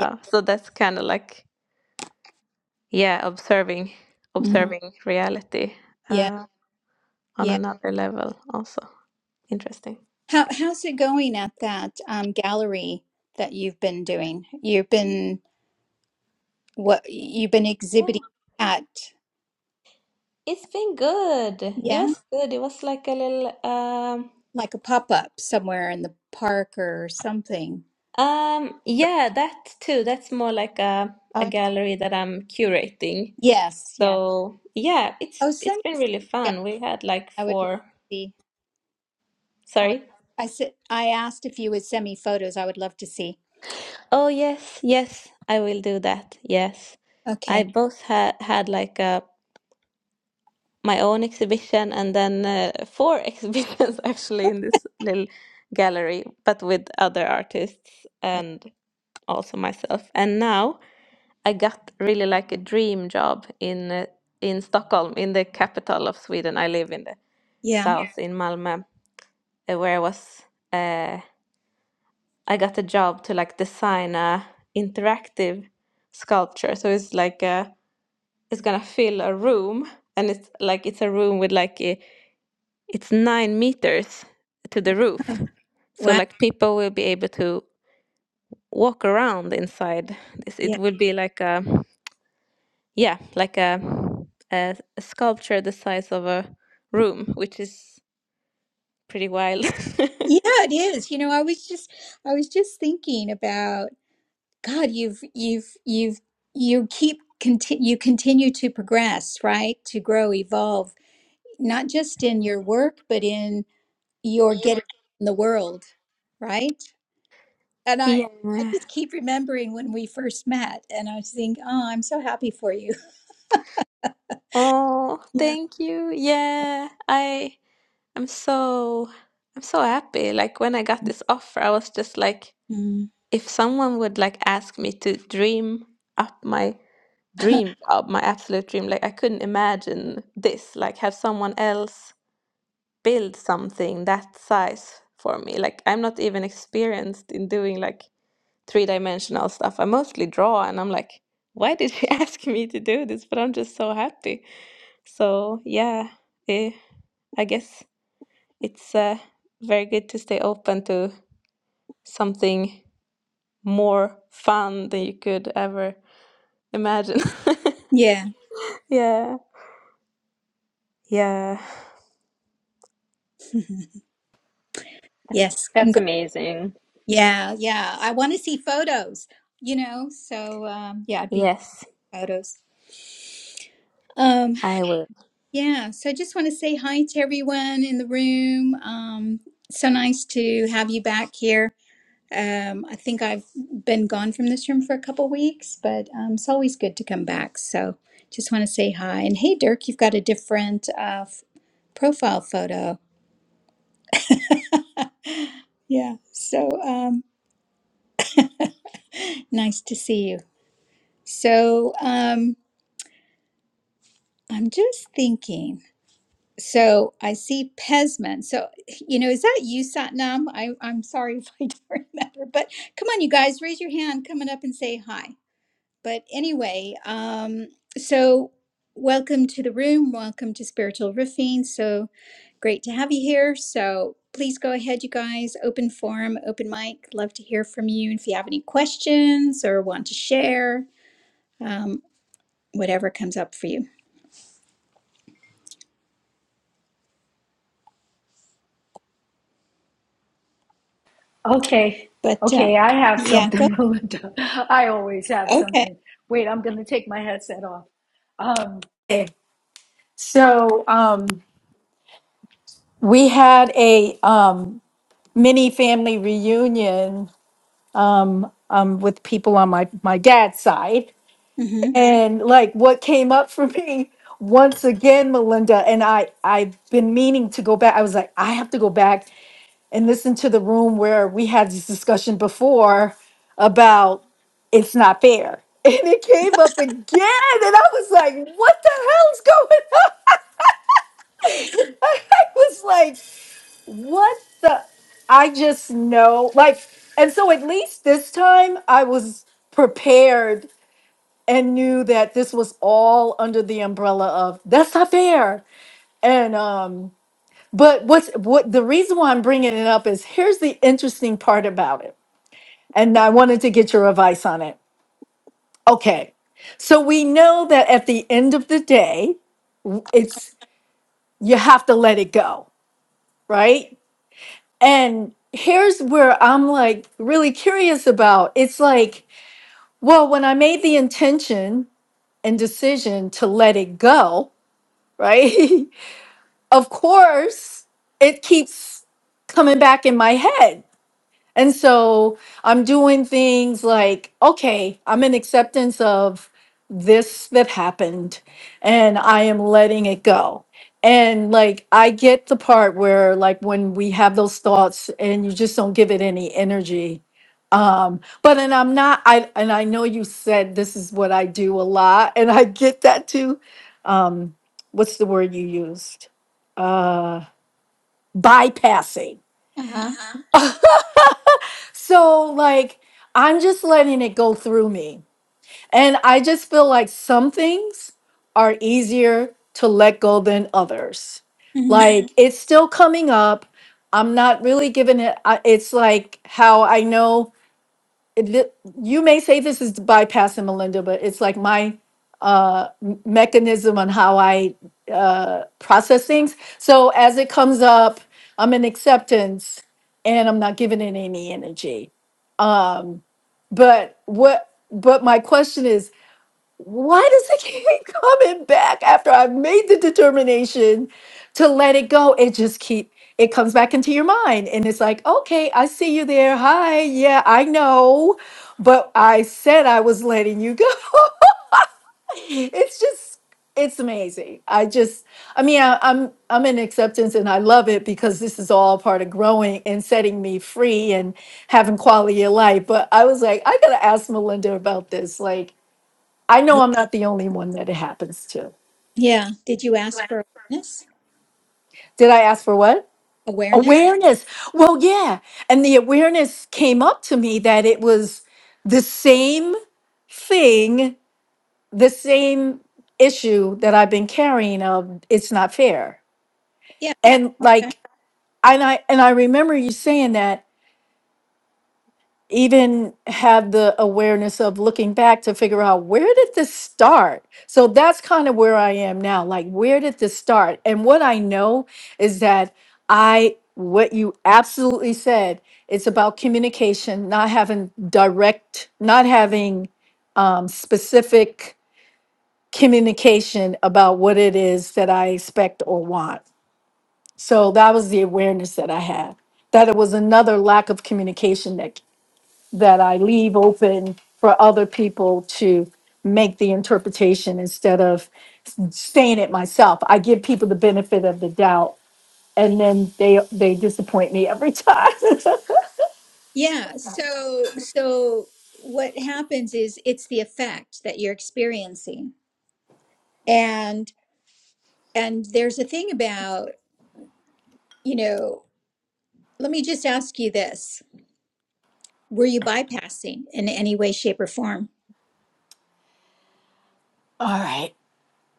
[SPEAKER 1] Yeah.
[SPEAKER 5] so that's kind of like yeah, observing
[SPEAKER 1] mhm,
[SPEAKER 5] observing reality
[SPEAKER 1] Yeah.
[SPEAKER 5] uh, on
[SPEAKER 1] yeah.
[SPEAKER 5] another level also. Interesting.
[SPEAKER 1] How how's it going at that um, gallery that you've been doing? You've been what you've been exhibiting at,
[SPEAKER 5] It's been good. It
[SPEAKER 1] yeah,
[SPEAKER 5] was good. It was like a little um
[SPEAKER 1] like a pop-up somewhere in the park or something.
[SPEAKER 5] um yeah, that too. That's more like a a
[SPEAKER 1] Okay.
[SPEAKER 5] gallery that I'm curating.
[SPEAKER 1] Yes, yeah.
[SPEAKER 5] So yeah,
[SPEAKER 1] Oh,
[SPEAKER 5] it's it's
[SPEAKER 1] send
[SPEAKER 5] been
[SPEAKER 1] me.
[SPEAKER 5] really
[SPEAKER 1] Yeah,
[SPEAKER 5] fun. We had like
[SPEAKER 1] I would love to
[SPEAKER 5] four.
[SPEAKER 1] see. I would.
[SPEAKER 5] Sorry.
[SPEAKER 1] I said I asked if you would send me photos. I would love to see.
[SPEAKER 5] Oh yes, yes, I will do that. Yes. I
[SPEAKER 1] Okay.
[SPEAKER 5] both had had like a my own exhibition and then uh, four exhibitions actually in this little gallery, but with other artists and also myself. And now I got really like a dream job in uh, in Stockholm, in the capital of Sweden. I live in the
[SPEAKER 1] Yeah.
[SPEAKER 5] south in Malmö, uh, where I was. Uh, I got a job to like design a interactive sculpture. So it's like a, it's gonna fill a room, and it's like it's a room with like a, it's nine meters to the
[SPEAKER 1] Oh,
[SPEAKER 5] roof. So
[SPEAKER 1] Wow.
[SPEAKER 5] like people will be able to walk around inside this. It
[SPEAKER 1] Yeah.
[SPEAKER 5] will be like a Yeah, like a, a, a sculpture the size of a room, which is pretty wild.
[SPEAKER 1] Yeah, it is. You know, I was just I was just thinking about. God, you've you've you've you keep conti- you continue to progress, right? To grow, evolve, not just in your work, but in your
[SPEAKER 5] Yeah.
[SPEAKER 1] getting in the world, right? And I I
[SPEAKER 5] Yeah.
[SPEAKER 1] just keep remembering when we first met, and I think, oh, I'm so happy for you.
[SPEAKER 5] Oh,
[SPEAKER 1] Yeah.
[SPEAKER 5] thank you. Yeah. I I'm so I'm so happy. Like when I got this offer, I was just like,
[SPEAKER 1] Mm.
[SPEAKER 5] if someone would like ask me to dream up my dream job, my absolute dream, like I couldn't imagine this, like have someone else build something that size for me. Like I'm not even experienced in doing like three-dimensional stuff. I mostly draw and I'm like, why did she ask me to do this? But I'm just so happy. So yeah, eh, I guess it's uh, very good to stay open to something more fun than you could ever imagine.
[SPEAKER 1] yeah.
[SPEAKER 5] yeah. Yeah.
[SPEAKER 1] yes.
[SPEAKER 3] That's
[SPEAKER 1] Congrats.
[SPEAKER 3] amazing.
[SPEAKER 1] Yeah. Yeah. I want to see photos. You know. So um, yeah, I'd be
[SPEAKER 5] Yes,
[SPEAKER 1] photos. Um,
[SPEAKER 5] I will.
[SPEAKER 1] Yeah, so I just want to say hi to everyone in the room. Um, so nice to have you back here. Um, I think I've been gone from this room for a couple weeks, but um, it's always good to come back. So just want to say hi. And hey, Dirk, you've got a different uh, f- profile photo. Yeah, so um, nice to see you. So um, I'm just thinking. So I see Pesman. So, you know, is that you, Satnam? I, I'm sorry if I don't remember, but come on, you guys, raise your hand coming up and say hi. But anyway, um, so welcome to the room. Welcome to Spiritual Riffing. So great to have you here. So please go ahead, you guys. Open forum, open mic. Love to hear from you. And if you have any questions or want to share, um, whatever comes up for you.
[SPEAKER 2] Okay,
[SPEAKER 1] But uh,
[SPEAKER 2] okay, I have
[SPEAKER 1] yeah, go.
[SPEAKER 2] something, Melinda. I always have
[SPEAKER 1] Okay.
[SPEAKER 2] something. Wait, I'm going to take my headset off. Um, Okay. So, um, we had a um, mini family reunion um, um, with people on my, my dad's side.
[SPEAKER 1] Mm-hmm.
[SPEAKER 2] And like what came up for me once again, Melinda, and I, I've been meaning to go back. I was like, I have to go back and listen to the room where we had this discussion before about it's not fair. And it came up again, and I was like, what the hell's going on? I was like, what the? I just know. Like, and so at least this time I was prepared and knew that this was all under the umbrella of that's not fair. And, um, but what's what the reason why I'm bringing it up is here's the interesting part about it and I wanted to get your advice on it. Okay. So we know that at the end of the day, it's you have to let it go, right? And here's where I'm like really curious about. It's like, well, when I made the intention and decision to let it go, right? of course, it keeps coming back in my head And so I'm doing things like, okay, I'm in acceptance of this that happened and I am letting it go. And like, I get the part where, like, when we have those thoughts and you just don't give it any energy. Um, but and I'm not, I and I know you said this is what I do a lot, and I get that too. Um, what's the word you used? Uh, bypassing
[SPEAKER 1] Uh-huh.
[SPEAKER 2] So, like, I'm just letting it go through me. And I just feel like some things are easier to let go than others.
[SPEAKER 1] hmm
[SPEAKER 2] Like, Mhm. it's still coming up. I'm not really giving it, I- it's like how I know it, th- you may say this is bypassing Melinda, but it's like my uh, m- mechanism on how I uh, process things. So, as it comes up, I'm in acceptance and I'm not giving it any energy Um, but what but my question is, why does it keep coming back after I've made the determination to let it go? It just keep it comes back into your mind and it's like, okay, I see you there. Hi, yeah, I know. But I said I was letting you go it's just it's amazing i just i mean I, i'm i'm in acceptance and i love it because this is all part of growing and setting me free and having quality of life but i was like i gotta ask melinda about this like i know i'm not the only one that it happens to
[SPEAKER 1] Yeah. Did you ask for awareness?
[SPEAKER 2] did i ask for what
[SPEAKER 1] Awareness?
[SPEAKER 2] awareness well yeah and the awareness came up to me that it was the same thing the same issue that i've been carrying of it's not fair
[SPEAKER 1] Yeah.
[SPEAKER 2] and
[SPEAKER 1] Okay.
[SPEAKER 2] like and i and i remember you saying that even have the awareness of looking back to figure out where did this start so that's kind of where i am now like where did this start and what i know is that i what you absolutely said it's about communication not having direct not having um, specific communication about what it is that i expect or want So that was the awareness that I had that it was another lack of communication that that I leave open for other people to make the interpretation instead of staying it myself. I give people the benefit of the doubt and then they they disappoint me every time.
[SPEAKER 1] Yeah. So, so what happens is it's the effect that you're experiencing. And, and there's a thing about, you know, let me just ask you this. Were you bypassing in any way, shape, or form?
[SPEAKER 2] All right.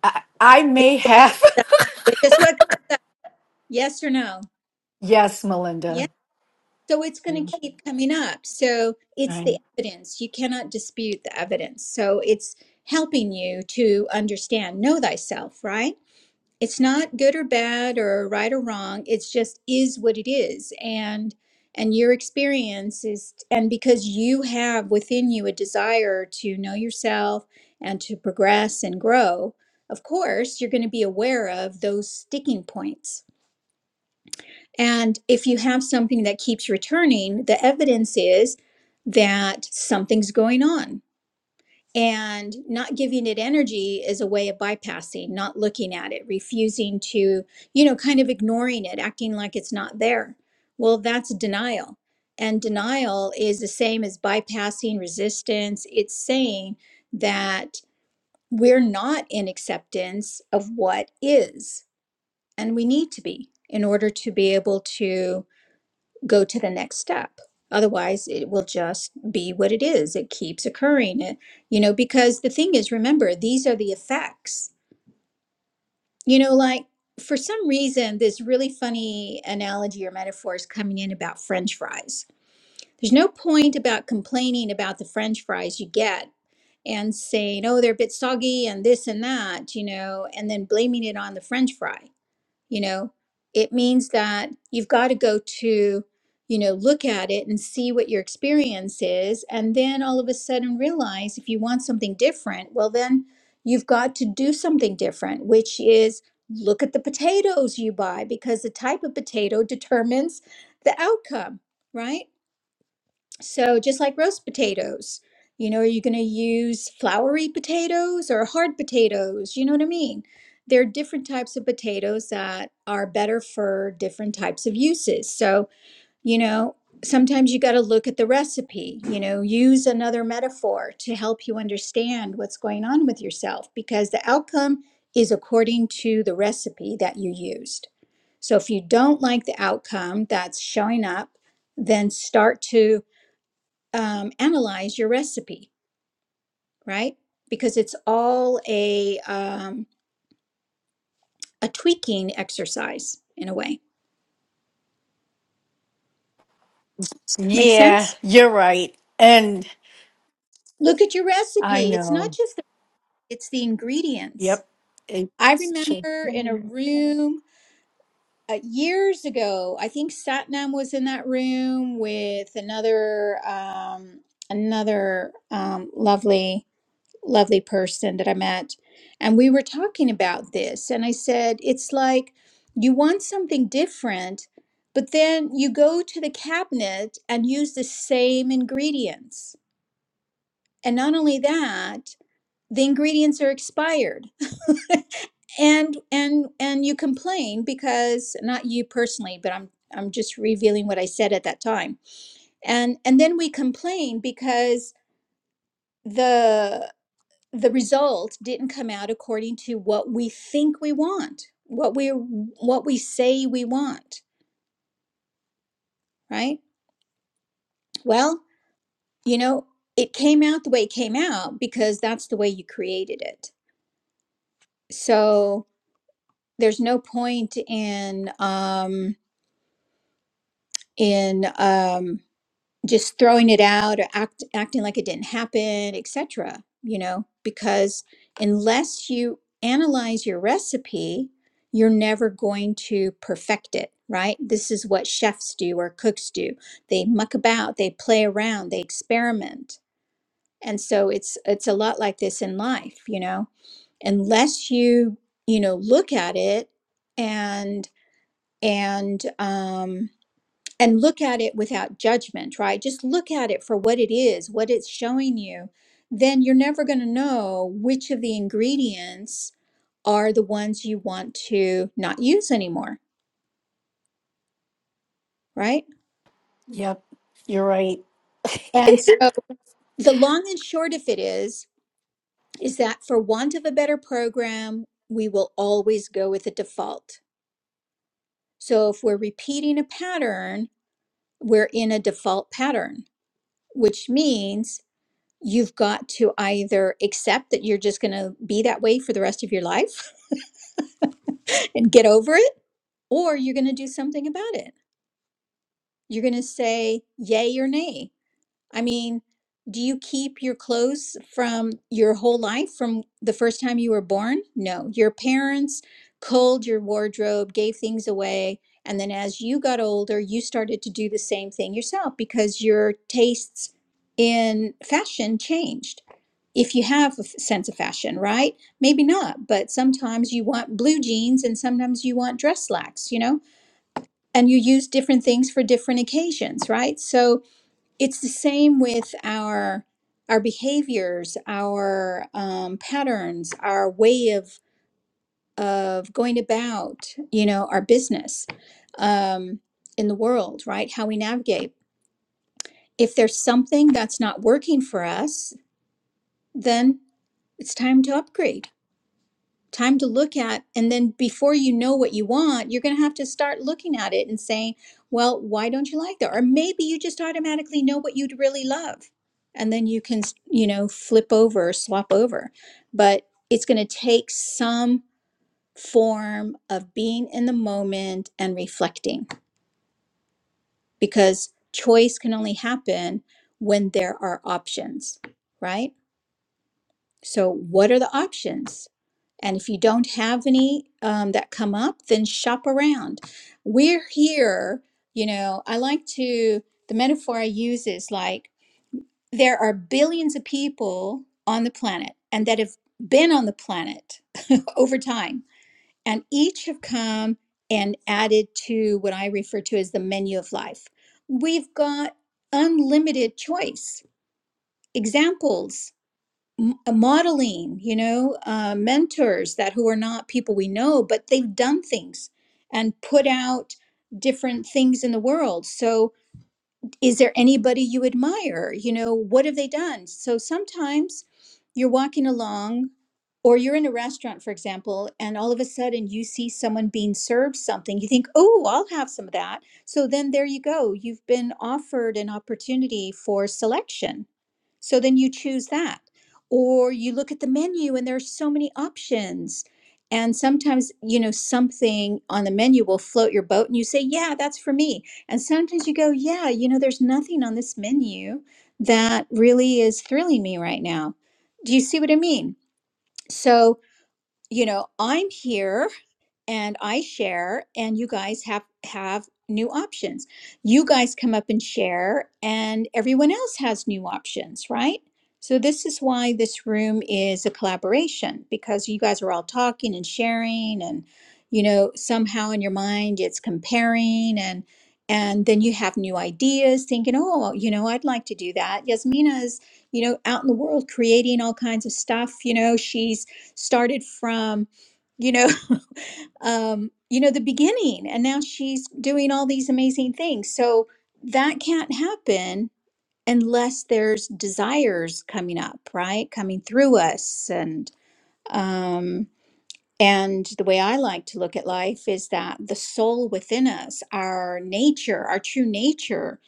[SPEAKER 2] I, I may have
[SPEAKER 1] Just what? Yes or no?
[SPEAKER 2] yes, Melinda.
[SPEAKER 1] So it's going to keep coming up. So it's
[SPEAKER 2] Right.
[SPEAKER 1] the evidence. You cannot dispute the evidence. So it's helping you to understand, know thyself, right? It's not good or bad or right or wrong. It's just is what it is. And and your experience is and because you have within you a desire to know yourself and to progress and grow, of course, you're going to be aware of those sticking points and if you have something that keeps returning, the evidence is that something's going on. And not giving it energy is a way of bypassing, not looking at it, refusing to, you know, kind of ignoring it, acting like it's not there. Well, that's denial. And denial is the same as bypassing resistance. It's saying that we're not in acceptance of what is, and we need to be in order to be able to go to the next step. Otherwise, it will just be what it is. It keeps occurring. It, you know, because the thing is, remember, these are the effects. You know, like for some reason, this really funny analogy or metaphor is coming in about French fries. There's no point about complaining about the French fries you get and saying, oh, they're a bit soggy and this and that, you know, and then blaming it on the French fry you know it means that you've got to go to you know look at it and see what your experience is and then all of a sudden realize if you want something different well then you've got to do something different which is look at the potatoes you buy because the type of potato determines the outcome right so, just like roast potatoes, you know, are you going to use floury potatoes or hard potatoes? You know what I mean? There are different types of potatoes that are better for different types of uses. So, you know, sometimes you got to look at the recipe, you know, use another metaphor to help you understand what's going on with yourself because the outcome is according to the recipe that you used. So, if you don't like the outcome that's showing up, then start to um, analyze your recipe, right? Because it's all a um, a tweaking exercise in a way. Make
[SPEAKER 2] Yeah,
[SPEAKER 1] sense?
[SPEAKER 2] you're right. And
[SPEAKER 1] Look at your
[SPEAKER 2] I
[SPEAKER 1] recipe. It's not
[SPEAKER 2] know.
[SPEAKER 1] just the, it's the ingredients.
[SPEAKER 2] Yep.
[SPEAKER 1] I
[SPEAKER 2] It's
[SPEAKER 1] remember in a
[SPEAKER 2] true.
[SPEAKER 1] room uh, years ago. I think Satnam was in that room with another um, another um, lovely lovely person that I met, and we were talking about this. And I said, it's like you want something different, but then you go to the cabinet and use the same ingredients. And not only that, the ingredients are expired. And and and you complain because not you personally, but I'm I'm just revealing what I said at that time. And and then we complain because the the result didn't come out according to what we think we want what we what we say we want right well you know it came out the way it came out because that's the way you created it so there's no point in um in um just throwing it out or act, acting like it didn't happen, etc. You know, because unless you analyze your recipe, you're never going to perfect it, right? This is what chefs do or cooks do. They muck about, they play around, they experiment. And so it's it's a lot like this in life, you know. Unless you, you know, look at it and and um and look at it without judgment, right? Just look at it for what it is, what it's showing you, then you're never going to know which of the ingredients are the ones you want to not use anymore, right?
[SPEAKER 2] Yep. You're right.
[SPEAKER 1] And so the long and short of it is is that for want of a better program, we will always go with a default. So if we're repeating a pattern, we're in a default pattern, which means you've got to either accept that you're just going to be that way for the rest of your life and get over it, or you're going to do something about it. You're going to say yay or nay I mean, do you keep your clothes from your whole life from the first time you were born? No. Your parents culled your wardrobe, gave things away. And then as you got older, you started to do the same thing yourself because your tastes in fashion changed. If you have a f- sense of fashion, right? Maybe not, but sometimes you want blue jeans and sometimes you want dress slacks, you know? And you use different things for different occasions, right? So, it's the same with our our behaviors our um, patterns our way of of going about you know our business um, in the world right how we navigate if there's something that's not working for us then it's time to upgrade time to look at and then before you know what you want you're going to have to start looking at it and saying well why don't you like that or maybe you just automatically know what you'd really love and then you can you know flip over swap over but it's going to take some form of being in the moment and reflecting because choice can only happen when there are options right So, what are the options? And if you don't have any um, that come up, then shop around. We're here, you know, I like to, the metaphor I use is like there are billions of people on the planet and that have been on the planet over time. And each have come and added to what I refer to as the menu of life. We've got unlimited choice, examples m- uh, modeling you know uh, mentors that who are not people we know but they've done things and put out different things in the world so is there anybody you admire? You know, what have they done? So sometimes you're walking along or you're in a restaurant, for example, and all of a sudden you see someone being served something. You think, oh, I'll have some of that. So then there you go. You've been offered an opportunity for selection. So then you choose that. Or you look at the menu and there are so many options. And sometimes, you know, something on the menu will float your boat and you say, yeah, that's for me and sometimes you go, yeah, you know, there's nothing on this menu that really is thrilling me right now. Do you see what I mean? So, you know, I'm here and I share and you guys have have new options. You guys come up and share and everyone else has new options, right? So this is why this room is a collaboration because you guys are all talking and sharing and you know somehow in your mind it's comparing and and then you have new ideas thinking oh you know I'd like to do that. Yasmina's you know out in the world creating all kinds of stuff, you know she's started from you know um, you know, the beginning, and now she's doing all these amazing things. So that can't happen unless there's desires coming up, right? Coming through us and um and the way I like to look at life is that the soul within us, our nature, our true nature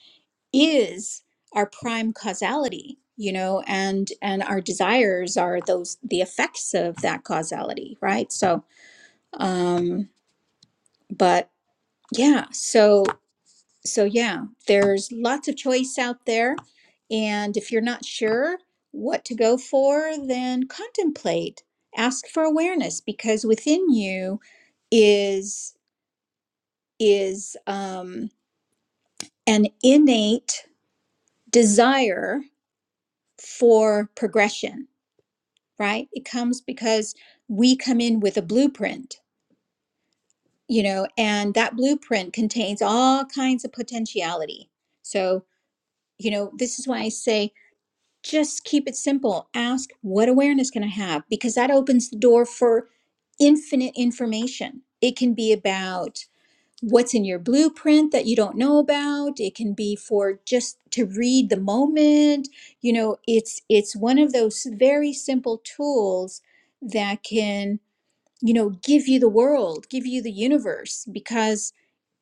[SPEAKER 1] is our prime causality, you know, and and our desires are those the effects of that causality, right? So, um but Yeah, so so yeah, there's lots of choice out there. And if you're not sure what to go for, then contemplate. Ask for awareness because within you is is um, an innate desire for progression, right? It comes because we come in with a blueprint, you know, and that blueprint contains all kinds of potentiality. So, you know, this is why I say just keep it simple. Ask what awareness can I have? Because that opens the door for infinite information. It can be about what's in your blueprint that you don't know about. It can be for just to read the moment. You know, it's it's one of those very simple tools that can you know, give you the world, give you the universe, because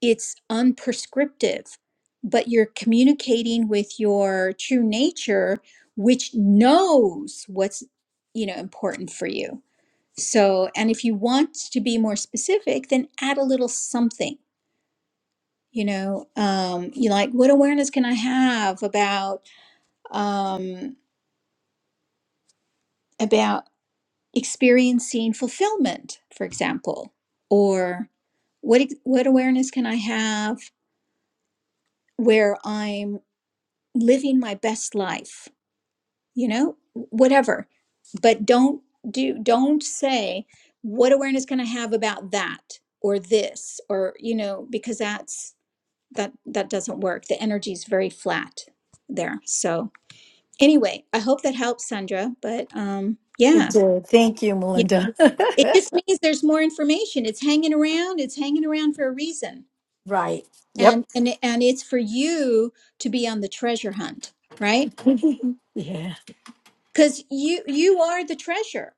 [SPEAKER 1] it's unprescriptive, but you're communicating with your true nature, which knows what's, you know, important for you. So, and if you want to be more specific, then add a little something. You know, um, you like what awareness can I have about um, experiencing fulfillment, for example, or what what awareness can I have where I'm living my best life, you know, whatever. But don't do don't say what awareness can I have about that or this or you know because that's that that doesn't work. The energy is very flat there. So anyway, I hope that helps, Sandra. But um,
[SPEAKER 2] It
[SPEAKER 1] yeah,
[SPEAKER 2] did. Thank you, Melinda.
[SPEAKER 1] it just means there's more information it's hanging around it's hanging around for a reason
[SPEAKER 2] right.
[SPEAKER 1] and
[SPEAKER 2] Yep.
[SPEAKER 1] and and it's for you to be on the treasure hunt right
[SPEAKER 2] yeah.
[SPEAKER 1] because you you are the treasure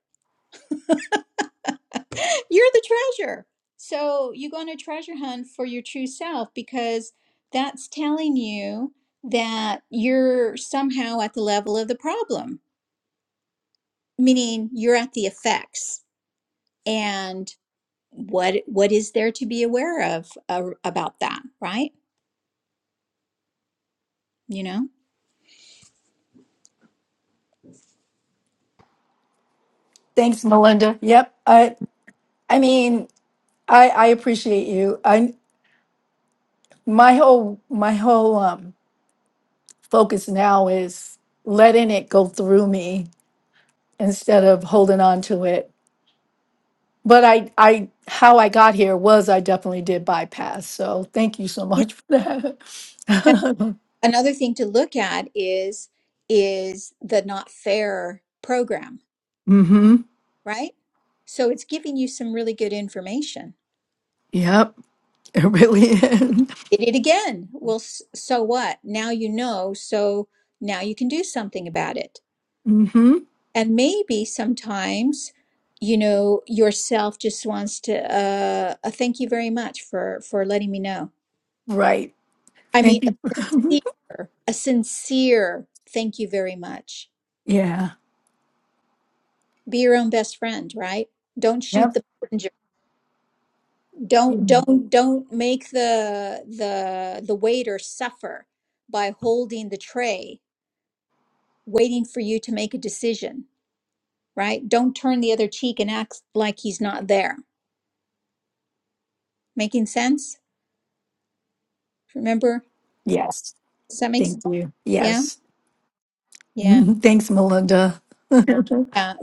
[SPEAKER 1] you're the treasure so you go on a treasure hunt for your true self because that's telling you that you're somehow at the level of the problem meaning you're at the effects and what what is there to be aware of uh, about that right you know
[SPEAKER 2] Thanks, Melinda. Yep. I I mean, I I appreciate you. I my whole my whole um focus now is letting it go through me instead of holding on to it. But I I how I got here was I definitely did bypass. So thank you so
[SPEAKER 1] yeah
[SPEAKER 2] much for that.
[SPEAKER 1] another thing to look at is is the not fair program
[SPEAKER 2] mhm.
[SPEAKER 1] right so it's giving you some really good information
[SPEAKER 2] Yep. It really is.
[SPEAKER 1] did it again well s- so what now you know so now you can do something about it
[SPEAKER 2] Mhm.
[SPEAKER 1] and maybe sometimes you know yourself just wants to uh, uh thank you very much for for letting me know
[SPEAKER 2] Right.
[SPEAKER 1] i mean
[SPEAKER 2] Thank
[SPEAKER 1] a
[SPEAKER 2] you. for coming.
[SPEAKER 1] sincere, a sincere thank you very much
[SPEAKER 2] yeah.
[SPEAKER 1] be your own best friend right don't
[SPEAKER 2] Yep.
[SPEAKER 1] shoot the messenger Don't don't don't make the the the waiter suffer by holding the tray, waiting for you to make a decision, right? Don't turn the other cheek and act like he's not there. Making sense? Remember?
[SPEAKER 2] Yes.
[SPEAKER 1] Does that make sense?
[SPEAKER 2] Thank you.
[SPEAKER 1] Yeah?
[SPEAKER 2] Yes.
[SPEAKER 1] Yeah.
[SPEAKER 2] Mhm. Thanks, Melinda.
[SPEAKER 1] Yeah.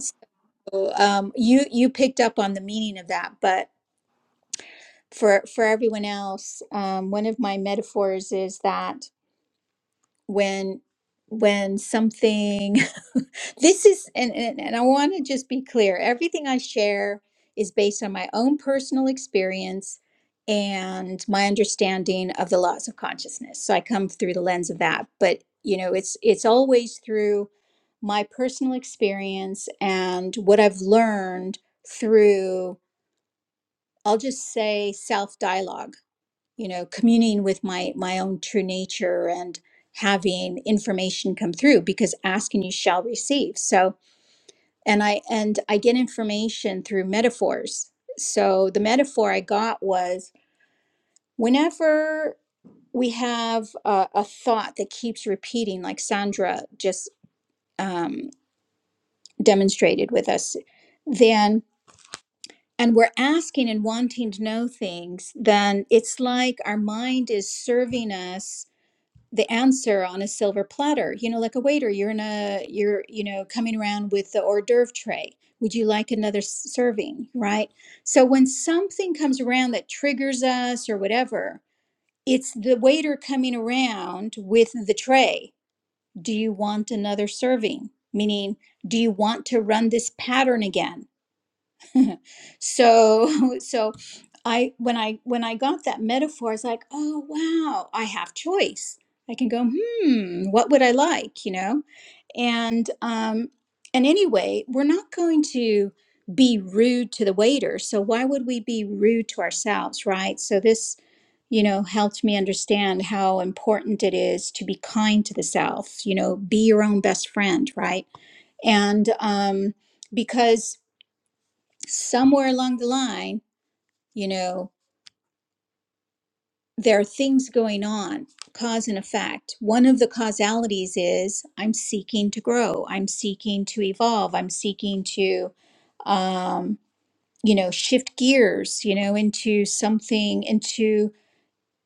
[SPEAKER 1] So um you you picked up on the meaning of that, but for for everyone else, um, one of my metaphors is that when when something this is and, and, and i want to just be clear everything i share is based on my own personal experience and my understanding of the laws of consciousness so i come through the lens of that but you know it's it's always through my personal experience and what i've learned through i'll just say self dialogue you know communing with my my own true nature and having information come through because ask and you shall receive so and i and i get information through metaphors so the metaphor i got was whenever we have a, a thought that keeps repeating like sandra just um, demonstrated with us then and we're asking and wanting to know things then it's like our mind is serving us the answer on a silver platter you know like a waiter you're in a you're you know coming around with the hors d'oeuvre tray would you like another s- serving right so when something comes around that triggers us or whatever it's the waiter coming around with the tray do you want another serving meaning do you want to run this pattern again so so i when i when i got that metaphor i was like oh wow i have choice i can go hmm what would i like you know and um and anyway we're not going to be rude to the waiter so why would we be rude to ourselves right so this you know helped me understand how important it is to be kind to the self you know be your own best friend right and um because somewhere along the line, you know, there are things going on, cause and effect. One of the causalities is I'm seeking to grow, I'm seeking to evolve, I'm seeking to, um, you know, shift gears, you know, into something, into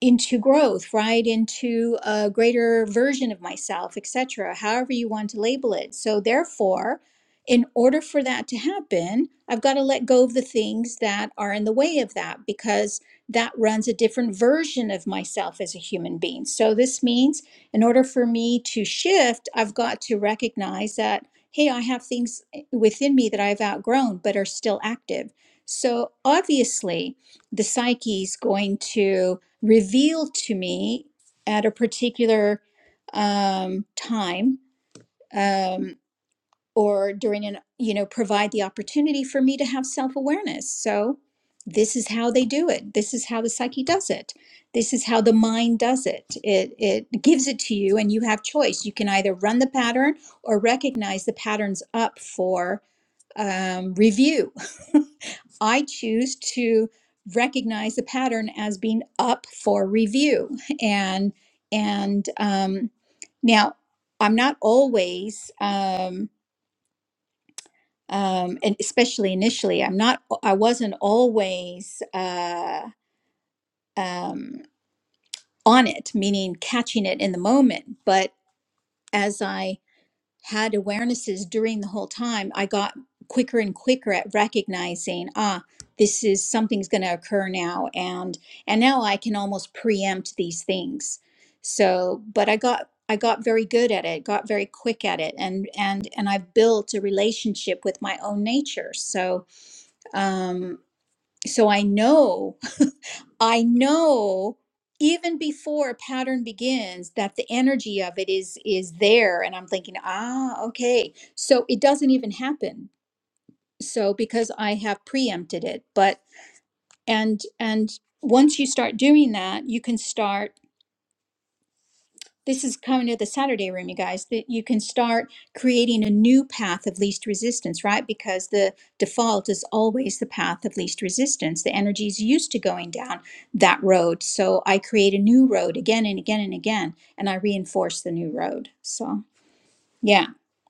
[SPEAKER 1] into growth right into a greater version of myself etc however you want to label it so therefore in order for that to happen i've got to let go of the things that are in the way of that because that runs a different version of myself as a human being so this means in order for me to shift i've got to recognize that hey i have things within me that i've outgrown but are still active so obviously the psyche's going to revealed to me at a particular um, time um, or during an you know provide the opportunity for me to have self-awareness so this is how they do it this is how the psyche does it this is how the mind does it it it gives it to you and you have choice you can either run the pattern or recognize the patterns up for um, review. I choose to recognize the pattern as being up for review, and and um, now I'm not always, um, um, and especially initially, I'm not. I wasn't always uh, um, on it, meaning catching it in the moment, but as I had awarenesses during the whole time, I got quicker and quicker at recognizing, ah, this is something's going to occur now, and and now I can almost preempt these things. So, but I got I got very good at it, got very quick at it, and and and I've built a relationship with my own nature. So, um, so I know. I know even before a pattern begins that the energy of it is is there and I'm thinking, "Ah, okay." So it doesn't even happen. So because I have preempted it, but and and once you start doing that, you can start This is coming to the Saturday room, you guys, that you can start creating a new path of least resistance, right? Because the default is always the path of least resistance. The energy is used to going down that road. So I create a new road again and again and again, and I reinforce the new road. So, yeah.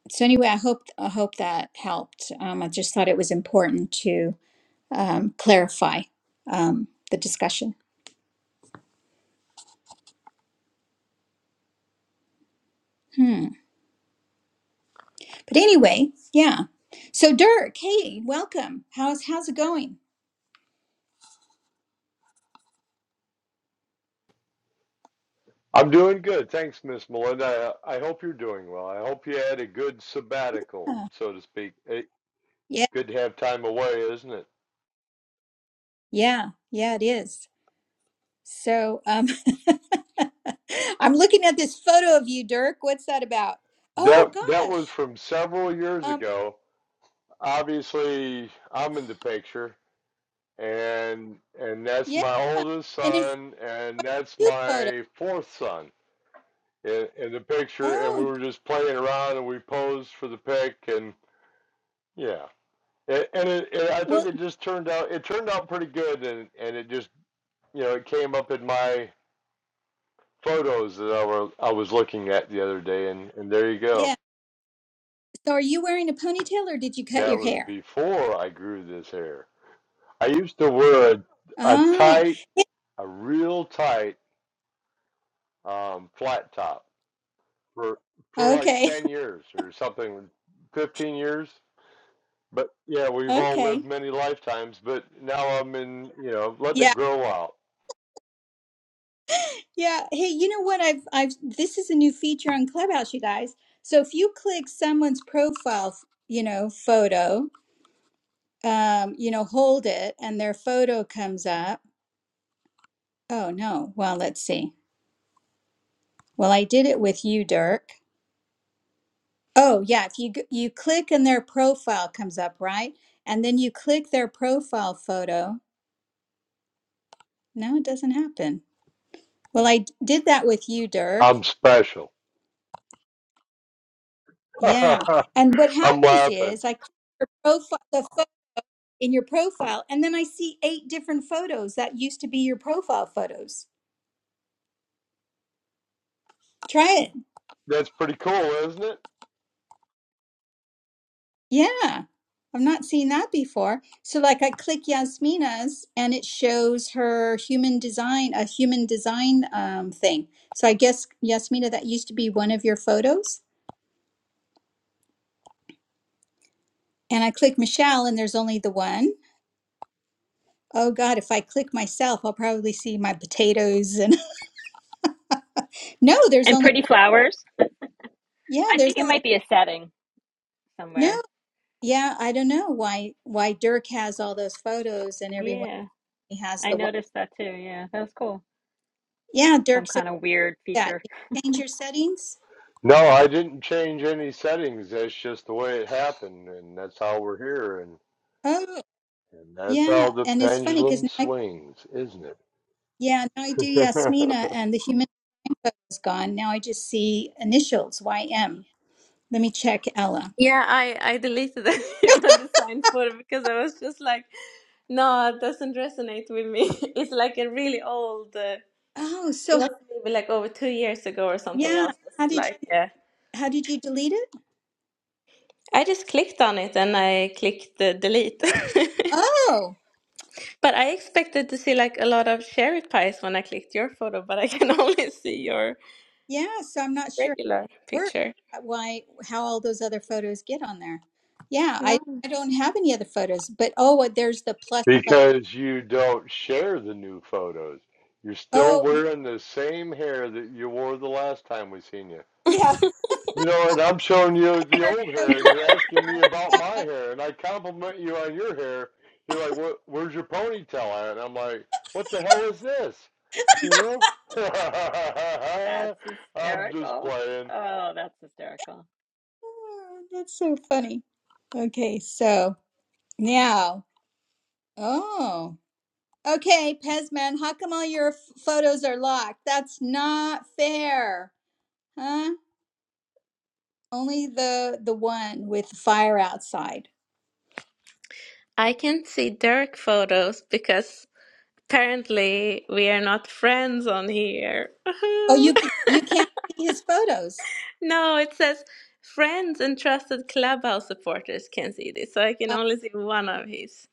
[SPEAKER 1] So anyway, I hope I hope that helped. Um, I just thought it was important to um, clarify um, the discussion. Hmm. But anyway, yeah. So Dirk, hey, welcome. How's how's it going?
[SPEAKER 6] I'm doing good. Thanks, Miss Melinda. I, I hope you're doing well. I hope you had a good sabbatical,
[SPEAKER 1] Yeah,
[SPEAKER 6] so to speak. It,
[SPEAKER 1] yeah,
[SPEAKER 6] good to have time away, isn't it?
[SPEAKER 1] yeah, yeah, it is. So um I'm looking at this photo of you, Dirk. What's that about? Oh
[SPEAKER 6] That that was
[SPEAKER 1] gosh.
[SPEAKER 6] from several years
[SPEAKER 1] Um
[SPEAKER 6] ago. Obviously, I'm in the picture, and and that's
[SPEAKER 1] yeah.
[SPEAKER 6] my oldest
[SPEAKER 1] And in fact,
[SPEAKER 6] son, and that's
[SPEAKER 1] you photo.
[SPEAKER 6] my fourth son in, in the picture. And we
[SPEAKER 1] Oh,
[SPEAKER 6] were just playing around, and we posed for the pic, and yeah, A- and it, it, I think
[SPEAKER 1] well,
[SPEAKER 6] it just turned out it turned out pretty good, and and it just you know, it came up in my photos that I were I was looking at the other day, and and there you go.
[SPEAKER 1] yeah. So are you wearing a ponytail or did you cut
[SPEAKER 6] That
[SPEAKER 1] your
[SPEAKER 6] was
[SPEAKER 1] hair?
[SPEAKER 6] before I grew this hair. I used to wear a, a
[SPEAKER 1] Oh,
[SPEAKER 6] tight,
[SPEAKER 1] yeah,
[SPEAKER 6] a real tight um, flat top for for like
[SPEAKER 1] okay.
[SPEAKER 6] ten years or something, fifteen years. But yeah, we've all
[SPEAKER 1] Okay.
[SPEAKER 6] lived many lifetimes. But now I'm in, you know, letting
[SPEAKER 1] Yeah.
[SPEAKER 6] it grow out.
[SPEAKER 1] Yeah. Hey, you know what? I've I've this is a new feature on Clubhouse, you guys. So if you click someone's profile, you know, photo, um, you know, hold it and their photo comes up. Oh no. Well, let's see. Well, I did it with you, Dirk. Oh, yeah, if you g- you click and their profile comes up, right? And then you click their profile photo. No, it doesn't happen. Well, I d- did that with you, Dirk.
[SPEAKER 6] I'm special.
[SPEAKER 1] Yeah.
[SPEAKER 6] I'm
[SPEAKER 1] And what happens
[SPEAKER 6] laughing.
[SPEAKER 1] is I click their profile, the in your profile. And then I see eight different photos that used to be your profile photos. Try it.
[SPEAKER 6] That's pretty cool, isn't it?
[SPEAKER 1] Yeah. I've not seen that before. So like I click Yasmina's and it shows her human design, a human design um, thing. So I guess Yasmina, that used to be one of your photos. And I click Michelle and there's only the one. Oh God, if I click myself, I'll probably see my potatoes and no, there's
[SPEAKER 3] And
[SPEAKER 1] only
[SPEAKER 3] pretty flowers.
[SPEAKER 1] yeah,
[SPEAKER 3] I
[SPEAKER 1] there's
[SPEAKER 3] think it
[SPEAKER 1] only
[SPEAKER 3] might be a setting
[SPEAKER 1] no.
[SPEAKER 3] somewhere.
[SPEAKER 1] Yeah, I don't know why why Dirk has all those photos and everyone
[SPEAKER 3] Yeah,
[SPEAKER 1] has
[SPEAKER 3] I
[SPEAKER 1] the one.
[SPEAKER 3] noticed that too. Yeah, that was cool.
[SPEAKER 1] Yeah,
[SPEAKER 3] Some
[SPEAKER 1] Dirk's so
[SPEAKER 3] kind of weird
[SPEAKER 1] that
[SPEAKER 3] feature.
[SPEAKER 1] did you change your settings?
[SPEAKER 6] No, I didn't change any settings. That's just the way it happened, and that's how we're here, and
[SPEAKER 1] Oh,
[SPEAKER 6] and that's how
[SPEAKER 1] yeah,
[SPEAKER 6] the
[SPEAKER 1] and it's funny because
[SPEAKER 6] pendulum
[SPEAKER 1] now I
[SPEAKER 6] swings, isn't
[SPEAKER 1] yeah now I do
[SPEAKER 6] it?
[SPEAKER 1] Yasmina and the human info is gone. Now I just see initials YM. Let me check Ella.
[SPEAKER 5] Yeah, I I deleted the human design photo because I was just like, no, it doesn't resonate with me. It's like a really old. Uh,
[SPEAKER 1] Oh,
[SPEAKER 5] it
[SPEAKER 1] so
[SPEAKER 5] was maybe like over two years ago or something.
[SPEAKER 1] yeah,
[SPEAKER 5] else. was
[SPEAKER 1] how
[SPEAKER 5] just
[SPEAKER 1] did you
[SPEAKER 5] like, yeah.
[SPEAKER 1] how did you delete it?
[SPEAKER 5] I just clicked on it and I clicked the delete.
[SPEAKER 1] Oh,
[SPEAKER 5] But I expected to see like a lot of cherry pies when I clicked your photo, but I can only see your
[SPEAKER 1] yeah. So I'm not sure.
[SPEAKER 5] regular
[SPEAKER 1] work
[SPEAKER 5] picture.
[SPEAKER 1] uh, why how all those other photos get on there yeah
[SPEAKER 5] No.
[SPEAKER 1] i i don't have any other photos but oh uh, there's the plus plus
[SPEAKER 6] because you don't share the new photos. You're still
[SPEAKER 1] oh
[SPEAKER 6] wearing the same hair that you wore the last time we seen you.
[SPEAKER 1] yeah
[SPEAKER 6] You know, and I'm showing
[SPEAKER 1] my
[SPEAKER 6] you the
[SPEAKER 1] hair is
[SPEAKER 6] old
[SPEAKER 1] so
[SPEAKER 6] hair, and you're
[SPEAKER 1] different
[SPEAKER 6] asking me
[SPEAKER 1] now
[SPEAKER 6] about
[SPEAKER 1] yeah
[SPEAKER 6] my
[SPEAKER 1] my,
[SPEAKER 6] hair, and I compliment you on your hair. You're like, "What? Where's your ponytail at?" And I'm like, "What the hell is this?" You know?
[SPEAKER 3] That's
[SPEAKER 6] I'm just
[SPEAKER 3] hysterical.
[SPEAKER 6] playing.
[SPEAKER 3] Oh, that's hysterical.
[SPEAKER 1] oh, that's so funny okay so now oh okay pezman how come all your f- photos are locked that's not fair huh only the the one with fire outside
[SPEAKER 5] I can see Dirk photos because Apparently we are not friends on here.
[SPEAKER 1] oh you ca- you can't see his photos
[SPEAKER 5] no, it says friends and trusted clubhouse supporters can see this, so I can only see one of his.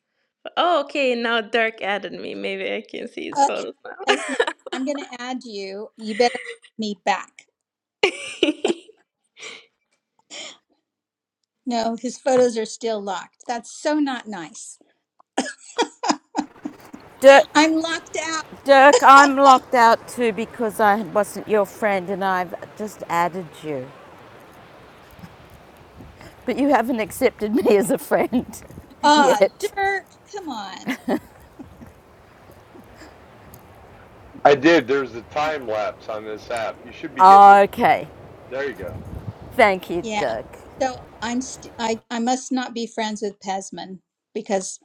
[SPEAKER 5] Oh, okay, now Dirk added me. Maybe I can see his
[SPEAKER 1] Okay,
[SPEAKER 5] photos now.
[SPEAKER 1] Esme, I'm going to add you. You better add me back. No, his photos are still locked. That's so not nice.
[SPEAKER 4] Dirk,
[SPEAKER 1] I'm locked out.
[SPEAKER 4] Dirk, I'm locked out too because I wasn't your friend and I've just added you. But you haven't accepted me as a friend
[SPEAKER 1] Ah,
[SPEAKER 4] yet.
[SPEAKER 1] Dirk, come on.
[SPEAKER 6] I did. There's a time lapse on this app. You should be getting it.
[SPEAKER 4] Okay,
[SPEAKER 6] There you go.
[SPEAKER 4] thank you,
[SPEAKER 1] Yeah.
[SPEAKER 4] Dirk.
[SPEAKER 1] So I'm st- I I must not be friends with Pesman because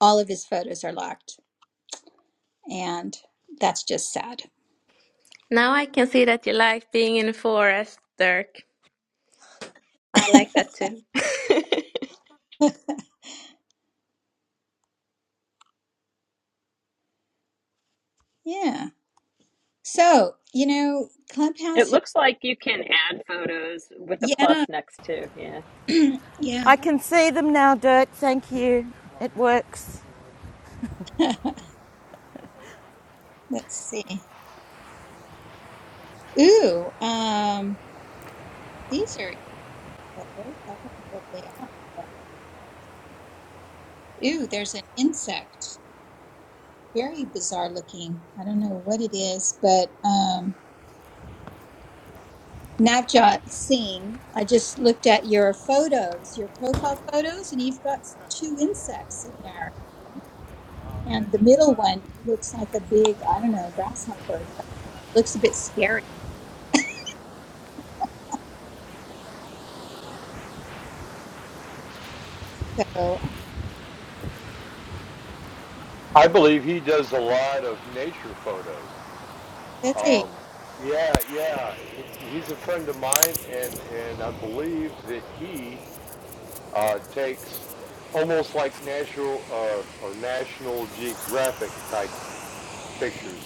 [SPEAKER 1] all of his photos are locked, and that's just sad.
[SPEAKER 5] now I can see that you like being in the forest, Dirk. I like that too.
[SPEAKER 1] Yeah. So you know,
[SPEAKER 3] It
[SPEAKER 1] Clubhouse. Is-
[SPEAKER 3] looks like you can add photos with the
[SPEAKER 1] yeah.
[SPEAKER 3] plus next to. Yeah.
[SPEAKER 1] yeah.
[SPEAKER 4] I can see them now, Dirk. Thank you. It works.
[SPEAKER 1] Let's see. Ooh. Um. These are photos. I don't know what they are. But, ooh, there's an insect. Very bizarre looking. I don't know what it is, but um, Navjot Singh, I just looked at your photos, your profile photos, and you've got two insects in there. And the middle one looks like a big, I don't know, grasshopper. or something. Looks a bit scary. So
[SPEAKER 6] I believe he does a lot of nature photos.
[SPEAKER 1] let's see.
[SPEAKER 6] Um, yeah, yeah. He, he's a friend of mine, and and I believe that he Uh, takes almost like natural uh, or National Geographic type pictures.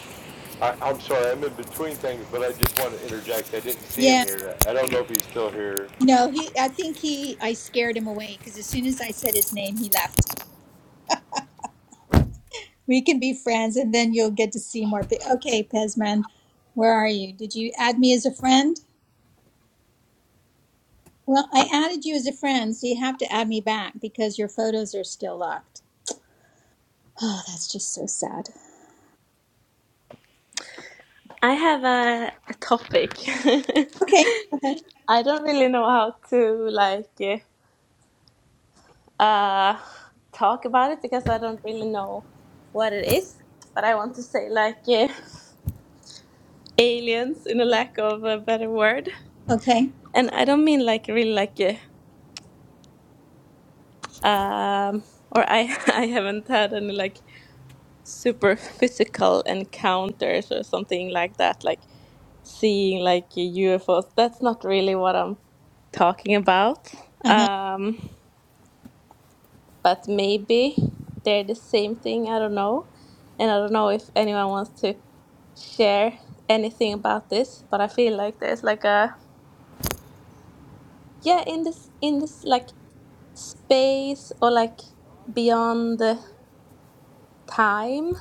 [SPEAKER 6] I, I'm sorry, I'm in between things, but I just want to interject. I didn't see him
[SPEAKER 1] Yeah.
[SPEAKER 6] here. I don't know if he's still here.
[SPEAKER 1] No, he. I think he. I scared him away because as soon as I said his name, he left. We can be friends and then you'll get to see more. Pe- okay, Pezman, where are you? Did you add me as a friend? Well, I added you as a friend, so you have to add me back because your photos are still locked. Oh, that's just so sad.
[SPEAKER 5] I have a, a topic.
[SPEAKER 1] Okay. Okay.
[SPEAKER 5] I don't really know how to like. eh, uh talk about it because I don't really know what it is. But I want to say like uh, aliens in a lack of a better word,
[SPEAKER 1] Okay.
[SPEAKER 5] and I don't mean like really like uh, um or I I haven't had any like super physical encounters or something like that like seeing like UFOs. That's not really what I'm talking about.
[SPEAKER 1] Uh-huh.
[SPEAKER 5] Um but maybe they're the same thing. I don't know. And I don't know if anyone wants to share anything about this, but I feel like there's like a yeah, in this in this like space or like beyond the time,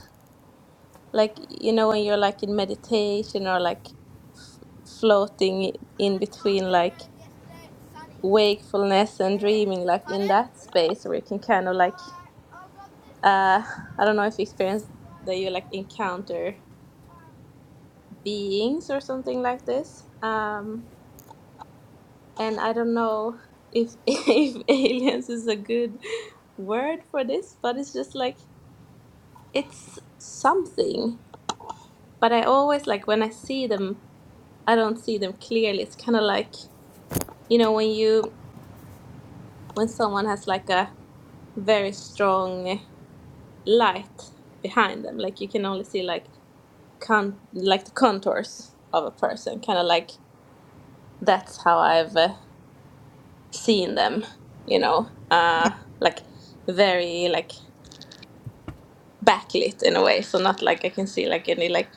[SPEAKER 5] like you know when you're like in meditation or like f- floating in between like wakefulness and dreaming like in that space where you can kind of like uh I don't know if you experience that you like encounter beings or something like this. Um, and I don't know if if aliens is a good word for this, but it's just like it's something. But I always like when I see them, I don't see them clearly. It's kind of like you know when you when someone has like a very strong light behind them, like you can only see like con like the contours of a person, kind of like that's how I've uh, seeing them, you know,
[SPEAKER 1] Yeah.
[SPEAKER 5] uh, like very like backlit in a way. So not like I can see like any like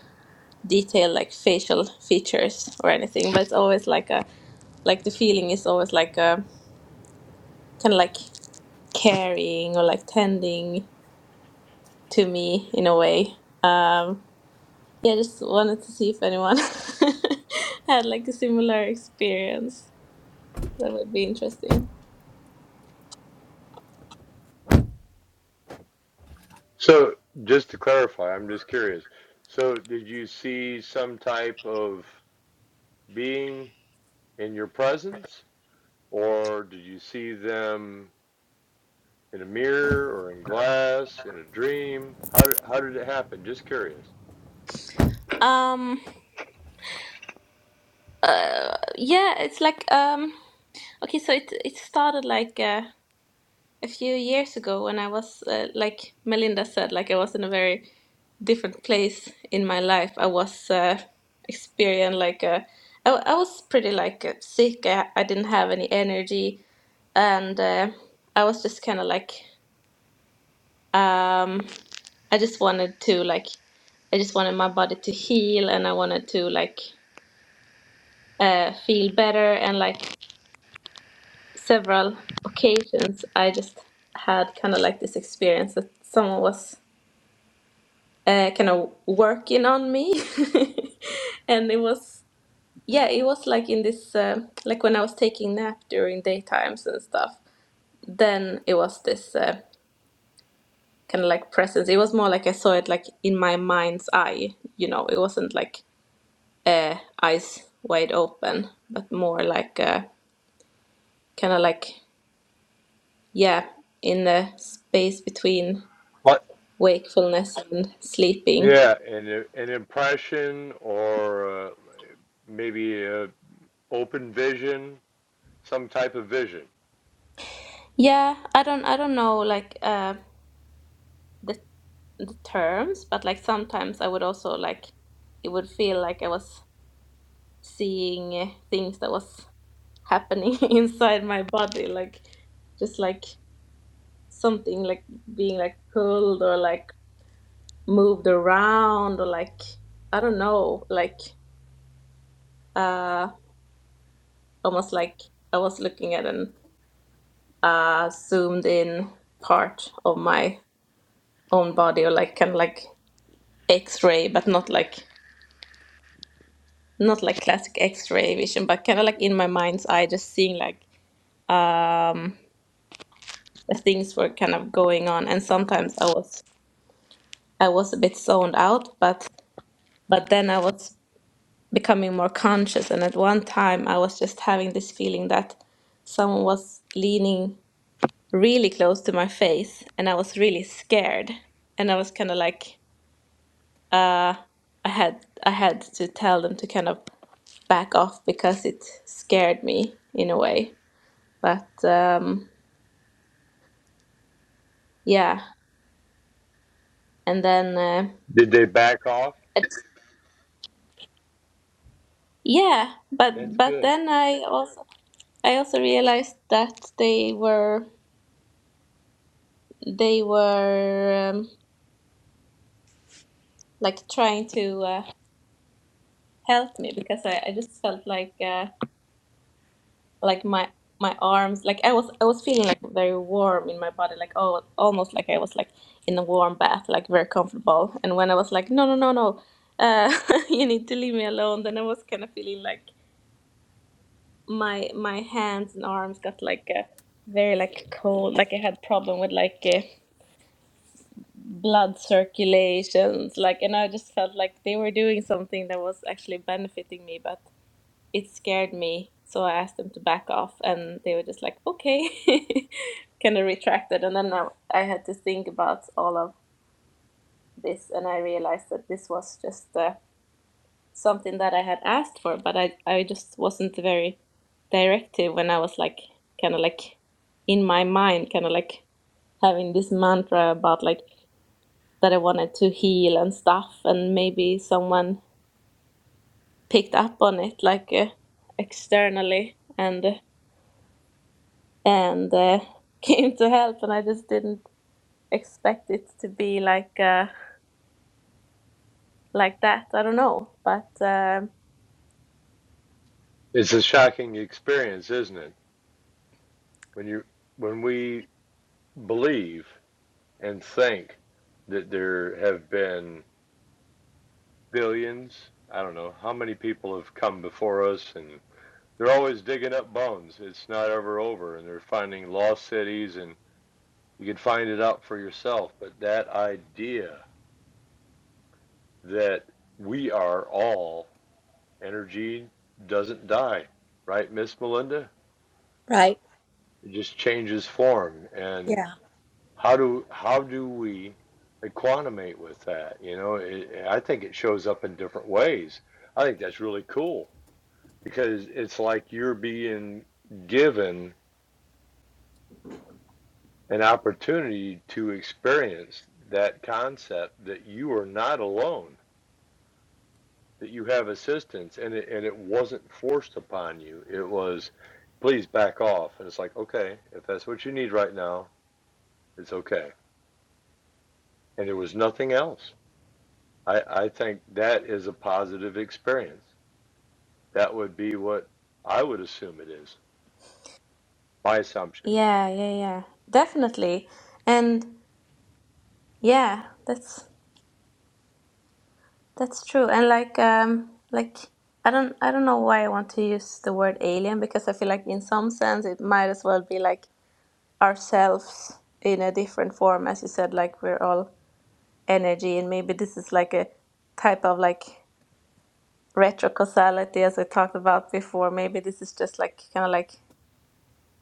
[SPEAKER 5] detailed like facial features or anything, but it's always like a like the feeling is always like a kind of like caring or like tending to me in a way. Um, yeah, just wanted to see if anyone had like a similar experience. That would be interesting.
[SPEAKER 6] So, just to clarify, I'm just curious. So, did you see some type of being in your presence, or did you see them in a mirror or in glass, in a dream? How did, how did it happen? Just curious.
[SPEAKER 5] Um, uh, yeah, it's like um. Okay, so it it started like uh, a few years ago when I was uh, like Melinda said, like I was in a very different place in my life. I was uh, experiencing like a, I I was pretty like uh, sick. I, I didn't have any energy, and uh, I was just kind of like um, I just wanted to like I just wanted my body to heal, and I wanted to like uh, feel better, and like several occasions I just had kind of like this experience that someone was uh, kind of working on me and it was yeah it was like in this uh, like when I was taking nap during daytimes and stuff then it was this uh, kind of like presence it was more like I saw it like in my mind's eye you know it wasn't like uh, eyes wide open but more like uh, kind of like yeah in the space between
[SPEAKER 6] Well,
[SPEAKER 5] wakefulness and sleeping.
[SPEAKER 6] Yeah, and a- an impression or uh, maybe a open vision, some type of vision.
[SPEAKER 5] Yeah, I don't I don't know like uh the the terms, but like sometimes I would also like it would feel like I was seeing uh, things that was happening inside my body like just like something like being like pulled or like moved around or like I don't know, like uh almost like I was looking at an uh zoomed in part of my own body or like kind of like x-ray but not like not like classic x-ray vision but kind of like in my mind's eye just seeing like um the things were kind of going on and sometimes i was i was a bit zoned out but but then i was becoming more conscious and at one time i was just having this feeling that someone was leaning really close to my face and i was really scared and i was kind of like uh, I had I had to tell them to kind of back off because it scared me in a way. But um, yeah, and then uh,
[SPEAKER 6] Did they back off?
[SPEAKER 5] it, yeah, but
[SPEAKER 6] That's
[SPEAKER 5] but
[SPEAKER 6] good.
[SPEAKER 5] then I also I also realized that they were they were um, like trying to uh, help me because I, I just felt like. Uh, like my my arms like i was i was feeling like very warm in my body like oh almost like i was like in a warm bath like very comfortable and when i was like no no no no uh you need to leave me alone then i was kind of feeling like my my hands and arms got like a very like cold like i had problem with like uh, blood circulations like and i just felt like they were doing something that was actually benefiting me but it scared me. So I asked them to back off, and they were just like, okay, kind of retracted. And then I, I had to think about all of this, and I realized that this was just uh, something that I had asked for, but I, I just wasn't very directive when I was like, kind of like in my mind, kind of like having this mantra about like that I wanted to heal and stuff, and maybe someone picked up on it like uh, externally and uh, and uh, came to help and i just didn't expect it to be like uh like that i don't know but um
[SPEAKER 6] It's a shocking experience, isn't it? When you when we believe and think that there have been billions, I don't know how many people have come before us, and they're always digging up bones. It's not ever over, and they're finding lost cities, and you can find it out for yourself. But that idea that we are all energy doesn't die, right, Miss Melinda?
[SPEAKER 1] Right.
[SPEAKER 6] It just changes form. And
[SPEAKER 1] Yeah.
[SPEAKER 6] how do how do we equanimate with that? You know, it, I think it shows up in different ways. I think that's really cool because it's like you're being given an opportunity to experience that concept that you are not alone that you have assistance and it, and it wasn't forced upon you. It was, please back off. And it's like, okay, if that's what you need right now, it's okay. And there was nothing else. I, I think that is a positive experience. That would be what I would assume it is. My assumption.
[SPEAKER 5] yeah yeah yeah definitely and yeah that's that's true and like um like i don't i don't know why i want to use the word alien because i feel like in some sense it might as well be like ourselves in a different form as you said like we're all energy and maybe this is like a type of like retrocausality as I talked about before. Maybe this is just like kind of like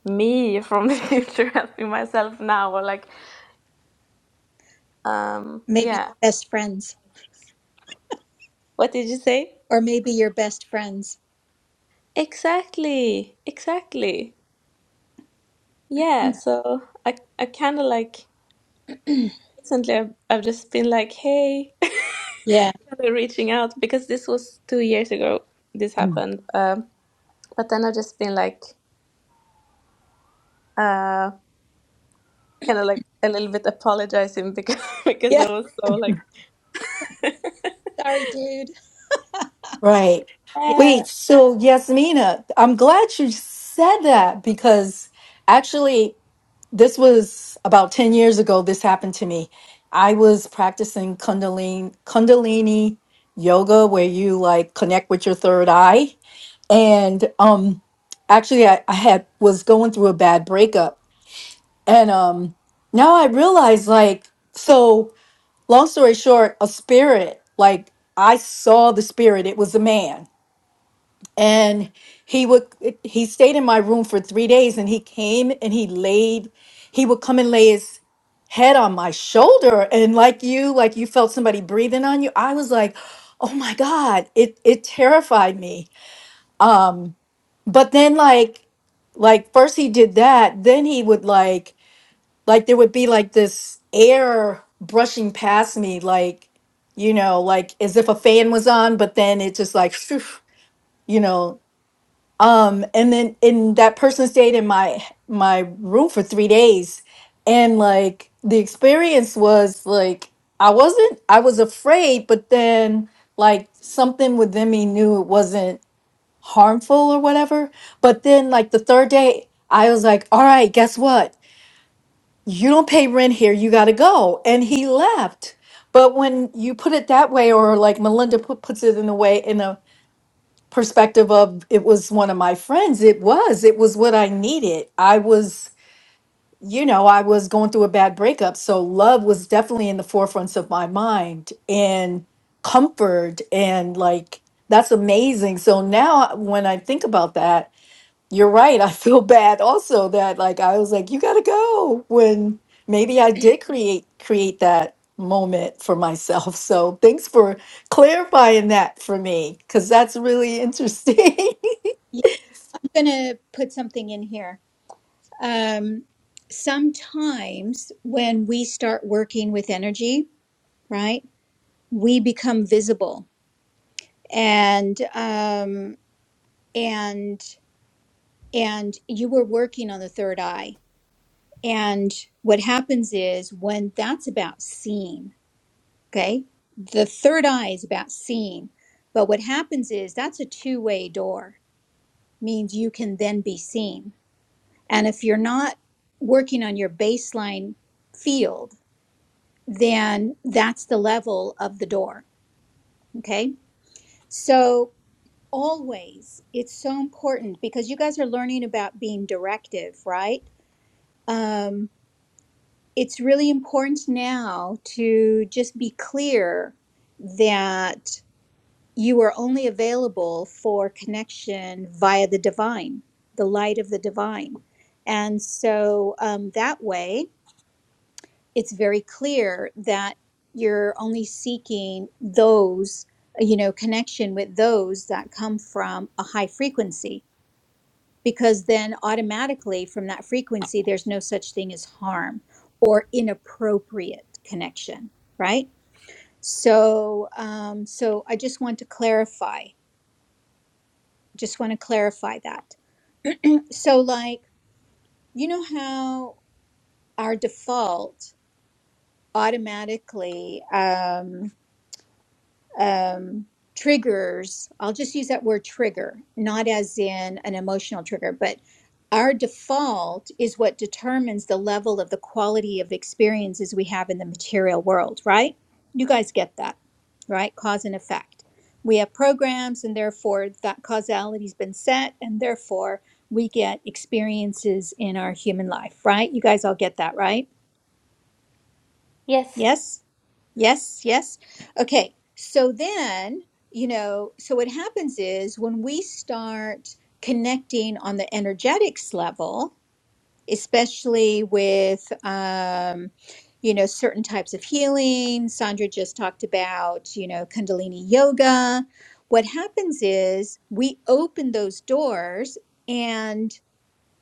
[SPEAKER 5] me from the future helping myself now, or like, um,
[SPEAKER 1] Maybe
[SPEAKER 5] yeah.
[SPEAKER 1] best friends,
[SPEAKER 5] What did you say?
[SPEAKER 1] or maybe your best friends.
[SPEAKER 5] Exactly, exactly. Yeah. So I, I kind of like recently I've, I've just been like, hey,
[SPEAKER 1] Yeah.
[SPEAKER 5] kind of reaching out because this was two years ago. This happened, um, but then I've just been like, uh, kind of like a little bit apologizing because because
[SPEAKER 1] Yeah.
[SPEAKER 5] I was so like.
[SPEAKER 1] Sorry, dude.
[SPEAKER 2] right.
[SPEAKER 1] Yeah.
[SPEAKER 5] Uh,
[SPEAKER 2] Wait. So, Yasmina, I'm glad you said that because actually, this was about 10 years ago. This happened to me. I was practicing Kundalini, Kundalini yoga, where you like connect with your third eye. And um, actually, I, I had was going through a bad breakup And um now I realize like so long story short, a spirit, like I saw the spirit, it was a man. And he would he stayed in my room for 3 days and he came and he laid he would come and lay his head on my shoulder and like you like you felt somebody breathing on you. I was like, "Oh my god, it it terrified me." Um but then like like first he did that, then he would like like there would be like this air brushing past me like you know like as if a fan was on but then it just like phew, you know um and then in that person stayed in my my room for three days and like the experience was like i wasn't i was afraid but then like something within me knew it wasn't harmful or whatever but then like the third day i was like all right guess what you don't pay rent here, you got to go. And he left. But when you put it that way, or like Melinda put, puts it in the way, in a perspective of it was one of my friends, it was, it was what I needed. I was, you know, I was going through a bad breakup. So love was definitely in the forefronts of my mind and comfort. And like, that's amazing. So now when I think about that, you're right. I feel bad also that like I was like, you gotta go when maybe I did create create that moment for myself. So thanks for clarifying that for me because that's really interesting.
[SPEAKER 1] yeah. I'm going to put something in here. Um, sometimes when we start working with energy, right, we become visible and, um, and, and you were working on the third eye. And what happens is when that's about seeing, Okay. The third eye is about seeing. But what happens is that's a two way door, means you can then be seen. And if you're not working on your baseline field, then that's the level of the door. Okay. So always it's so important because you guys are learning about being directive, right? Um, it's really important now to just be clear that you are only available for connection via the divine, the light of the divine. And so um, that way, it's very clear that you're only seeking those, you know, connection with those that come from a high frequency, because then automatically from that frequency, there's no such thing as harm or inappropriate connection, right? So, um, so I just want to clarify Just want to clarify that. so, like, you know how our default automatically, um, um, triggers, I'll just use that word trigger, not as in an emotional trigger, but our default is what determines the level of the quality of experiences we have in the material world, right? You guys get that, right? Cause and effect. We have programs, and therefore that causality has been set, and therefore we get experiences in our human life, right? You guys all get that, right?
[SPEAKER 5] yes.
[SPEAKER 1] Yes? Yes, yes. Okay. So then, you know, so what happens is when we start connecting on the energetics level, especially with, um, you know, certain types of healing, Sandra just talked about, you know, Kundalini yoga. What happens is we open those doors and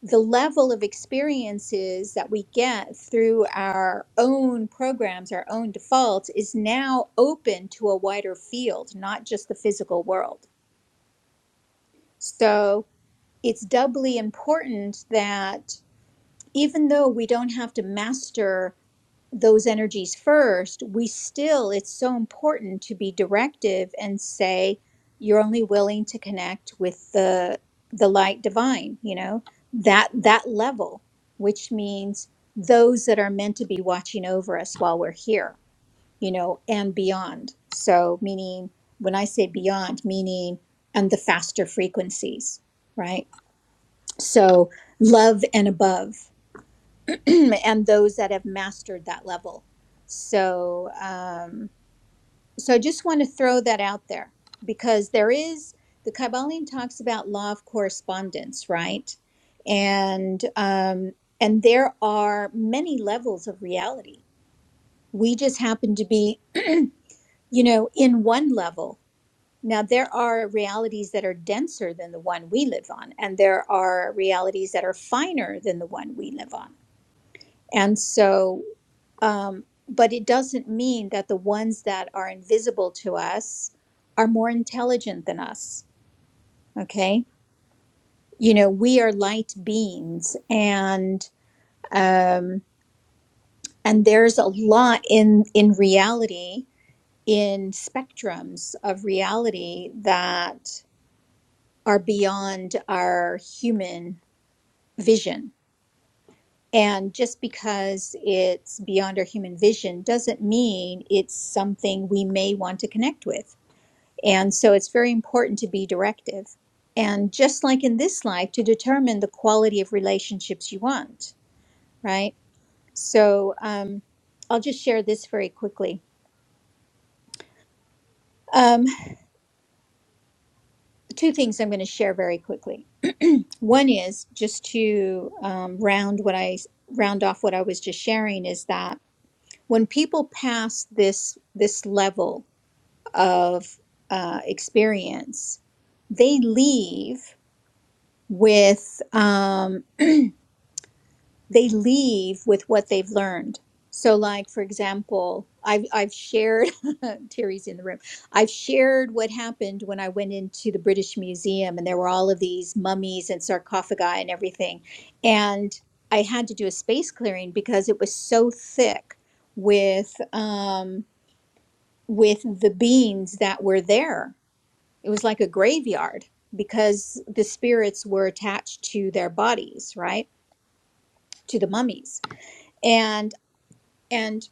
[SPEAKER 1] the level of experiences that we get through our own programs, our own defaults, is now open to a wider field, not just the physical world. So it's doubly important that even though we don't have to master those energies first, we still, it's so important to be directive and say, you're only willing to connect with the the light divine, you know, that that level, which means those that are meant to be watching over us while we're here, you know, and beyond. So meaning when I say beyond, meaning and the faster frequencies, right? So love and above. and those that have mastered that level. So, um, so I just want to throw that out there because there is the Kybalion talks about law of correspondence, right? And um, and there are many levels of reality. We just happen to be, you know, in one level. Now there are realities that are denser than the one we live on, and there are realities that are finer than the one we live on and so, um, but it doesn't mean that the ones that are invisible to us are more intelligent than us. Okay. You know, we are light beings and, um, and there's a lot in, in reality, in spectrums of reality that are beyond our human vision And just because it's beyond our human vision doesn't mean it's something we may want to connect with. And so it's very important to be directive. And just like in this life, to determine the quality of relationships you want, right? So um, I'll just share this very quickly. Um, two things I'm going to share very quickly. One is just to um, round what I round off what I was just sharing is that when people pass this this level of uh, experience, they leave with um, they leave with what they've learned. So, like for example, I've I've shared Terry's in the room. I've shared what happened when I went into the British Museum, and there were all of these mummies and sarcophagi and everything, and I had to do a space clearing because it was so thick with um, with the beings that were there it was like a graveyard because the spirits were attached to their bodies, right? To the mummies. And and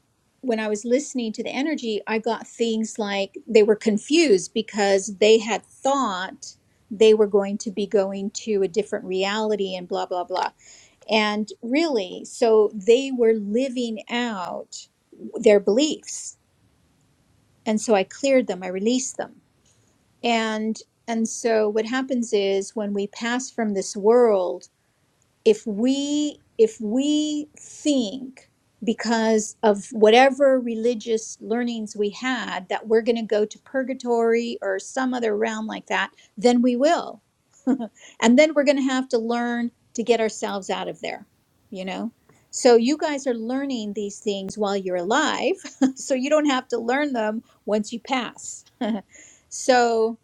[SPEAKER 1] when I was listening to the energy, I got things like they were confused because they had thought they were going to be going to a different reality and blah blah blah. And really, so they were living out their beliefs. And so I cleared them, I released them And and so what happens is when we pass from this world, if we if we think because of whatever religious learnings we had that we're going to go to purgatory or some other realm like that, then we will. and then we're going to have to learn to get ourselves out of there, you know? So you guys are learning these things while you're alive, so you don't have to learn them once you pass. so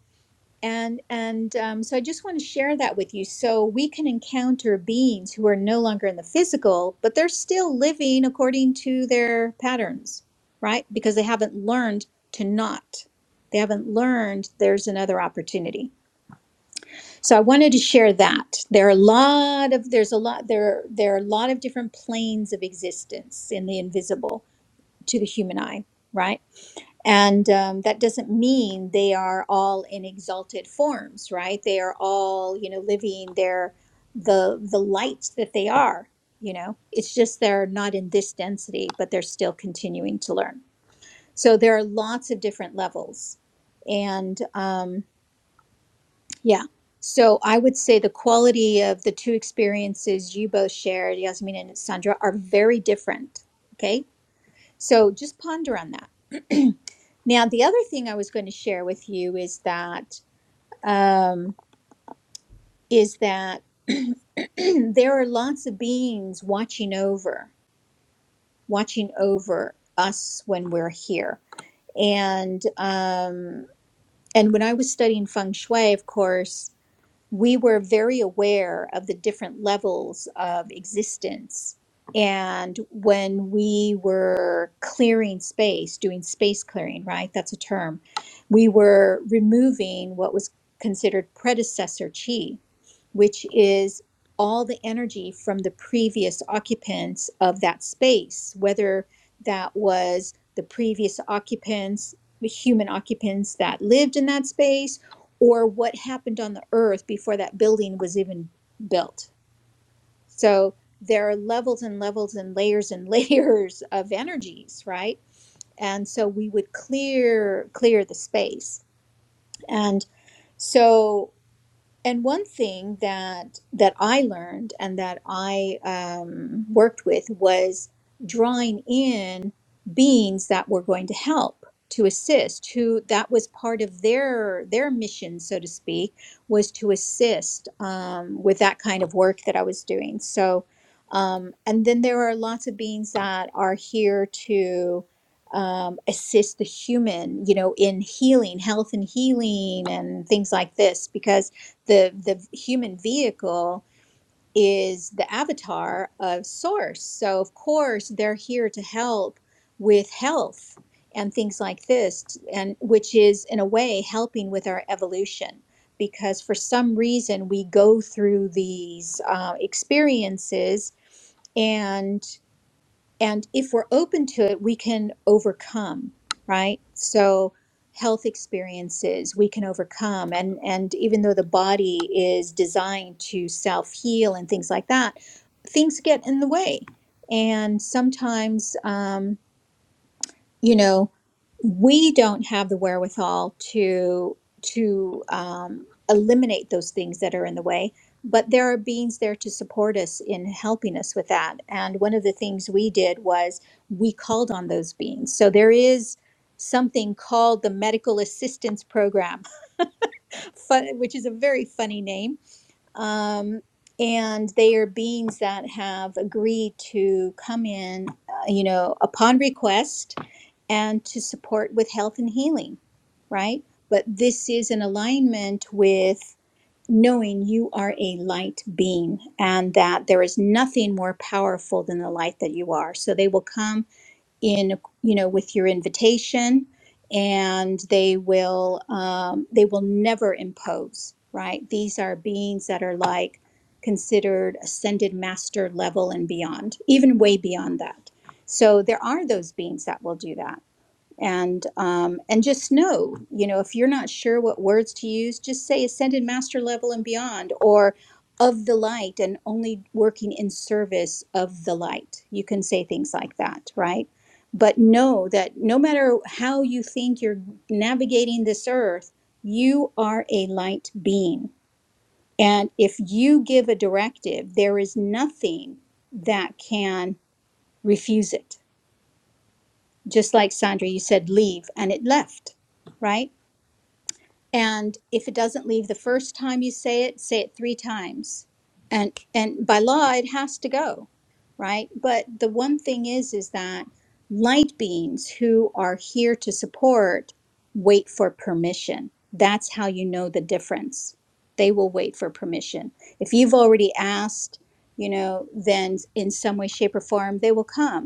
[SPEAKER 1] and and um, so i just want to share that with you so we can encounter beings who are no longer in the physical but they're still living according to their patterns right because they haven't learned to not they haven't learned there's another opportunity so i wanted to share that there are a lot of there's a lot there there are a lot of different planes of existence in the invisible to the human eye, right? And um, that doesn't mean they are all in exalted forms, right? They are all, you know, living their the the light that they are. You know, it's just they're not in this density, but they're still continuing to learn. So there are lots of different levels, and um, yeah. So I would say the quality of the two experiences you both shared, Yasmin and Sandra, are very different. Okay, so just ponder on that. now, the other thing I was going to share with you is that um, is that there are lots of beings watching over, watching over us when we're here. And um, and when I was studying feng shui, of course, we were very aware of the different levels of existence. And when we were clearing space, doing space clearing, right? That's a term. We were removing what was considered predecessor chi, which is all the energy from the previous occupants of that space, whether that was the previous occupants, the human occupants that lived in that space, or what happened on the earth before that building was even built. So there are levels and levels and layers and layers of energies, right? And so we would clear clear the space. And so and one thing that that I learned and that I um, worked with was drawing in beings that were going to help to assist who that was part of their their mission so to speak was to assist um, with that kind of work that i was doing so um, and then there are lots of beings that are here to um, assist the human you know in healing health and healing and things like this because the the human vehicle is the avatar of source so of course they're here to help with health and things like this t- and which is in a way helping with our evolution because for some reason we go through these uh, experiences and and if we're open to it, we can overcome, right? So health experiences we can overcome and and even though the body is designed to self heal and things like that things get in the way and sometimes um, you know we don't have the wherewithal to to um, eliminate those things that are in the way but there are beings there to support us in helping us with that and one of the things we did was we called on those beings so there is something called the medical assistance program fun, which is a very funny name um, and they are beings that have agreed to come in, uh, you know, upon request and to support with health and healing, right? But this is in alignment with knowing you are a light being and that there is nothing more powerful than the light that you are. So they will come in you know with your invitation and they will um, they will never impose right these are beings that are like considered ascended master level and beyond even way beyond that so there are those beings that will do that and um, and just know you know if you're not sure what words to use just say ascended master level and beyond or of the light and only working in service of the light you can say things like that right but know that no matter how you think you're navigating this earth you are a light being and if you give a directive there is nothing that can refuse it just like Sandra, you said leave and it left, right? And if it doesn't leave the first time you say it, say it three times. And and by law it has to go, right? But the one thing is is that light beings who are here to support wait for permission. That's how you know the difference. They will wait for permission. If you've already asked, you know, then in some way, shape, or form, they will come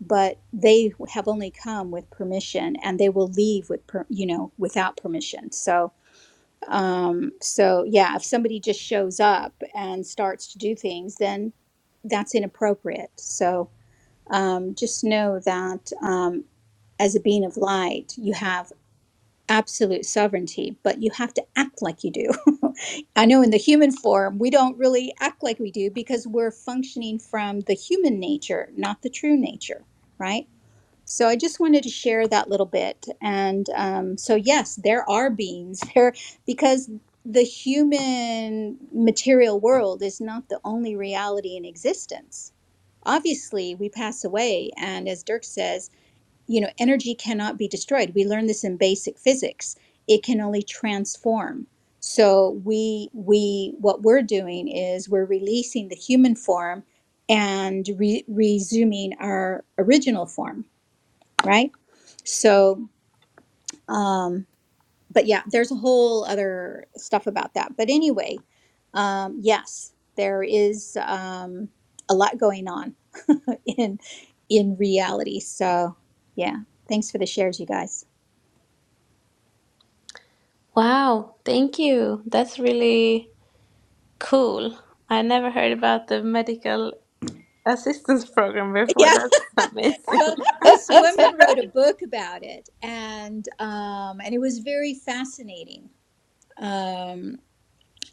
[SPEAKER 1] but they have only come with permission and they will leave with per, you know without permission so um so yeah if somebody just shows up and starts to do things then that's inappropriate so um just know that um as a being of light you have absolute sovereignty but you have to act like you do i know in the human form we don't really act like we do because we're functioning from the human nature not the true nature right so I just wanted to share that little bit. And um, so yes, there are beings there because the human material world is not the only reality in existence. Obviously, we pass away, and as Dirk says, you know, energy cannot be destroyed. We learn this in basic physics. It can only transform. So we we what we're doing is we're releasing the human form and re- resuming our original form right? So, um, but yeah, there's a whole other stuff about that. But anyway, um, yes, there is um, a lot going on in in reality. So, yeah, thanks for the shares, you guys.
[SPEAKER 5] Wow, thank you. That's really cool. I never heard about the medical assistance program before.
[SPEAKER 1] Yeah,
[SPEAKER 5] That's amazing.
[SPEAKER 1] well, this woman wrote a book about it, and um, and it was very fascinating. Um,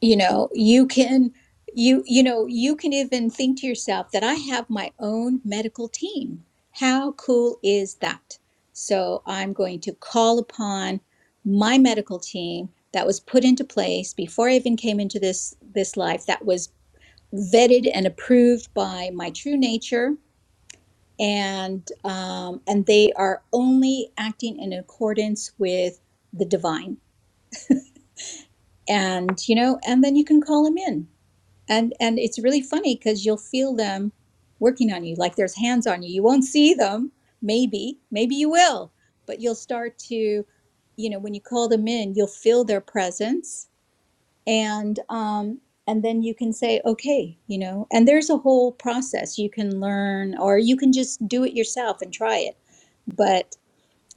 [SPEAKER 1] you know you can you you know you can even think to yourself that i have my own medical team how cool is that so i'm going to call upon my medical team that was put into place before i even came into this this life that was vetted and approved by my true nature and um, and they are only acting in accordance with the divine and you know and then you can call them in and and it's really funny because you'll feel them working on you like there's hands on you you won't see them maybe maybe you will but you'll start to you know when you call them in you'll feel their presence and um and then you can say okay you know and there's a whole process you can learn or you can just do it yourself and try it but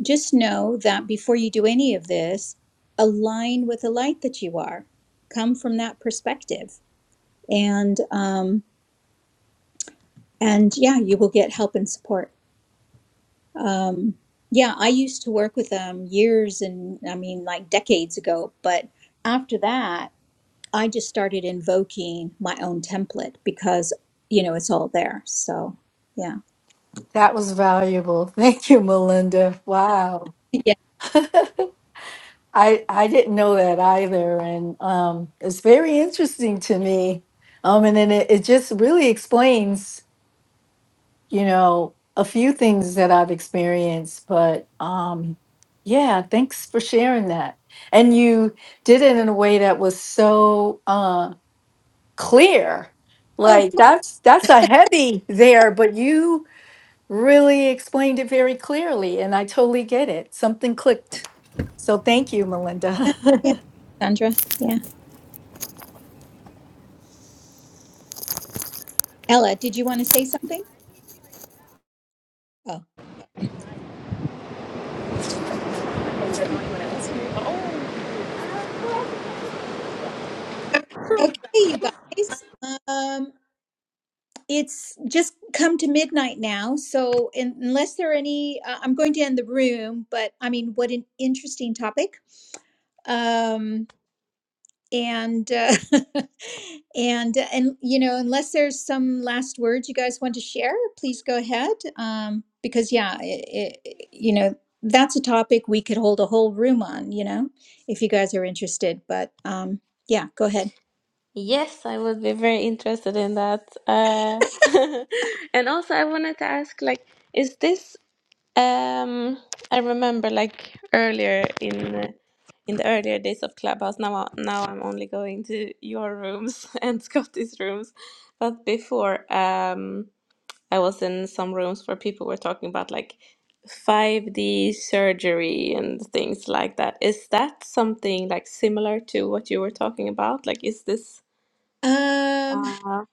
[SPEAKER 1] just know that before you do any of this align with the light that you are come from that perspective and um and yeah, you will get help and support. Um, yeah, I used to work with them years and I mean, like decades ago. But after that, I just started invoking my own template because, you know, it's all there. So yeah.
[SPEAKER 2] that was valuable. Thank you, Melinda. Wow.
[SPEAKER 1] Yeah.
[SPEAKER 2] I I didn't know that either. And um it's very interesting to me. Um and then it, it just really explains you know, a few things that I've experienced, but um, yeah, thanks for sharing that. And you did it in a way that was so uh, clear.
[SPEAKER 1] Oh,
[SPEAKER 2] Like that's that's a heavy there, but you really explained it very clearly, and I totally get it. Something clicked. So thank you,
[SPEAKER 1] yeah.
[SPEAKER 2] Melinda.
[SPEAKER 1] yeah. Sandra? Yeah. Ella, did you want to say something? Oh, okay, you guys. Um, it's just come to midnight now so in, unless there are any uh, i'm going to end the room but i mean what an interesting topic um and uh, and uh, and you know unless there's some last words you guys want to share please go ahead um because yeah it, it, you know that's a topic we could hold a whole room on you know if you guys are interested but um yeah go ahead
[SPEAKER 5] Yes, I would be very interested in that. Uh, and also, I wanted to ask, like, is this, um, I remember like earlier in uh, in the earlier days of Clubhouse. Now, I- now I'm only going to your rooms and Scotty's rooms, but before, um. I was in some rooms where people were talking about like 5D surgery and things like that. Is that something like similar to what you were talking about? Like, is this,
[SPEAKER 1] um
[SPEAKER 5] uh,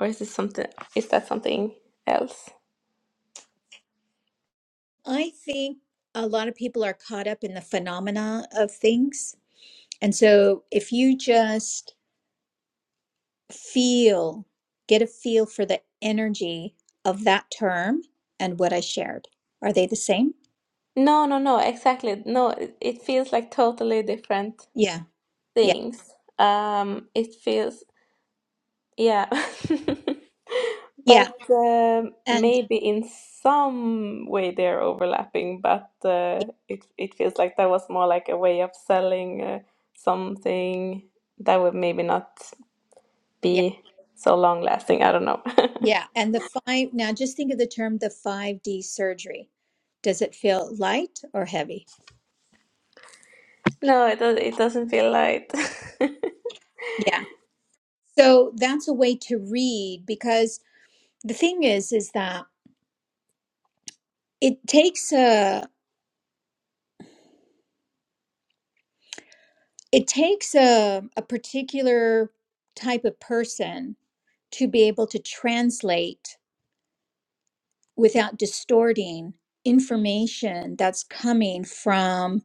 [SPEAKER 5] or is this something, is that something else?
[SPEAKER 1] I think a lot of people are caught up in the phenomena of things. And so if you just feel, get a feel for the energy of that term and what I shared, are they the same?
[SPEAKER 5] No, no, no, exactly. No, it, it feels like totally different
[SPEAKER 1] Yeah. Yeah.
[SPEAKER 5] things. Um, it feels, yeah.
[SPEAKER 1] Yeah.
[SPEAKER 5] But um
[SPEAKER 1] And
[SPEAKER 5] maybe in some way they're overlapping, but uh,
[SPEAKER 1] yeah.
[SPEAKER 5] it it feels like that was more like a way of selling uh, something that would maybe not
[SPEAKER 1] Yeah.
[SPEAKER 5] be so long lasting. I don't know.
[SPEAKER 1] yeah. And the five, now just think of the term the 5D surgery. Does it feel light or heavy?
[SPEAKER 5] No, it does, it doesn't feel right.
[SPEAKER 1] Yeah. So that's a way to read because the thing is, is that it takes a, it takes a, a particular type of person to be able to translate without distorting information that's coming from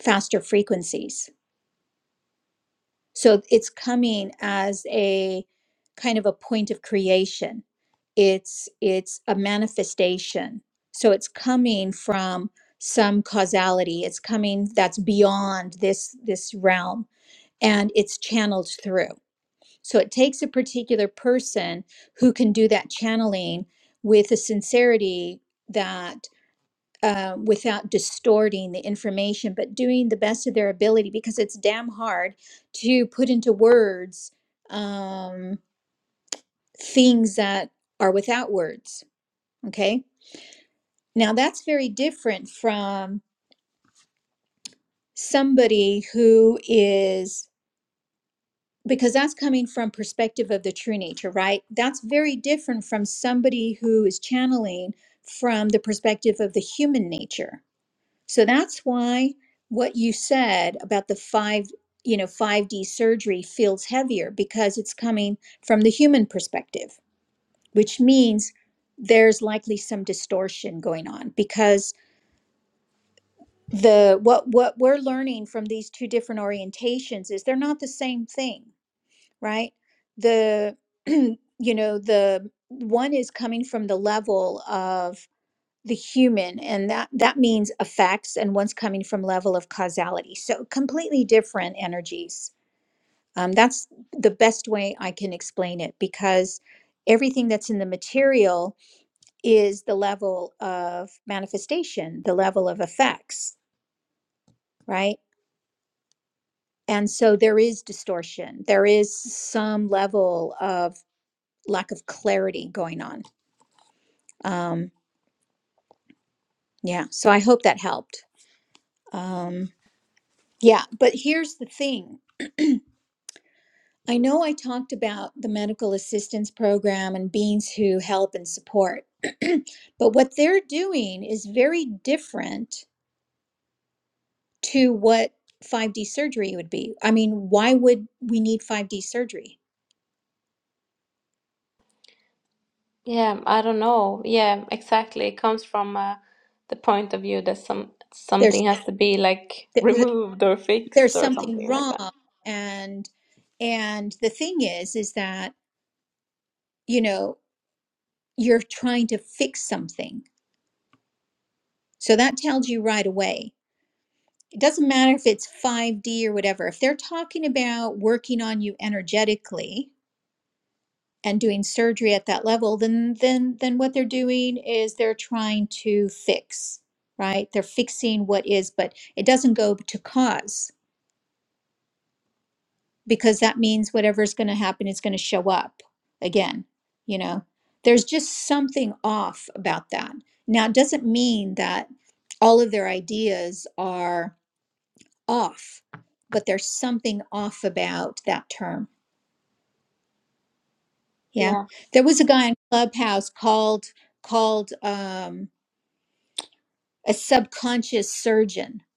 [SPEAKER 1] faster frequencies. So it's coming as a kind of a point of creation. It's it's a manifestation. So it's coming from some causality. It's coming that's beyond this this realm and it's channeled through. So it takes a particular person who can do that channeling with a sincerity that uh, without distorting the information, but doing the best of their ability because it's damn hard to put into words um, things that are without words. Okay. Now that's very different from somebody who is because that's coming from perspective of the true nature right that's very different from somebody who is channeling from the perspective of the human nature so that's why what you said about the five you know 5d surgery feels heavier because it's coming from the human perspective which means there's likely some distortion going on because the what what we're learning from these two different orientations is they're not the same thing right? The, you know, the one is coming from the level of the human, and that that means effects, and one's coming from level of causality. So completely different energies. Um, that's the best way I can explain it because everything that's in the material is the level of manifestation, the level of effects, right? And so there is distortion. There is some level of lack of clarity going on. Um, yeah, so I hope that helped. Um, yeah, but here's the thing. I know I talked about the medical assistance program and beings who help and support, but what they're doing is very different to what 5D surgery would be. I mean, why would we need 5D surgery?
[SPEAKER 5] Yeah, I don't know. Yeah, exactly. It comes from uh, the point of view that some
[SPEAKER 1] There's
[SPEAKER 5] something has to be like
[SPEAKER 1] there-
[SPEAKER 5] removed or fixed
[SPEAKER 1] there's
[SPEAKER 5] or
[SPEAKER 1] something
[SPEAKER 5] something like
[SPEAKER 1] wrong,
[SPEAKER 5] that.
[SPEAKER 1] and and the thing is, is that you know you're trying to fix something So that tells you right away. It doesn't matter if it's 5D or whatever. If they're talking about working on you energetically and doing surgery at that level, then then then what they're doing is they're trying to fix, right? They're fixing what is, but it doesn't go to cause because that means whatever's going to happen is going to show up again, you know. There's just something off about that. Now, it doesn't mean that all of their ideas are off, but there's something off about that term. Yeah.
[SPEAKER 5] Yeah.
[SPEAKER 1] There was a guy in Clubhouse called called um a subconscious surgeon.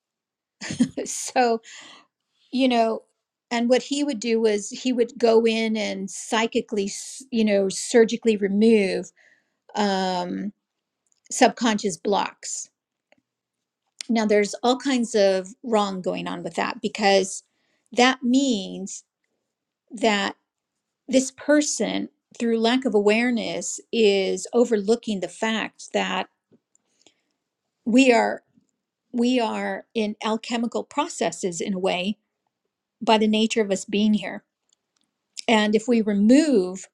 [SPEAKER 1] So, you know, and what he would do was he would go in and psychically, s- you know, surgically remove um subconscious blocks. Now there's all kinds of wrong going on with that because that means that this person, through lack of awareness, is overlooking the fact that we are we are in alchemical processes in a way by the nature of us being here. And if we remove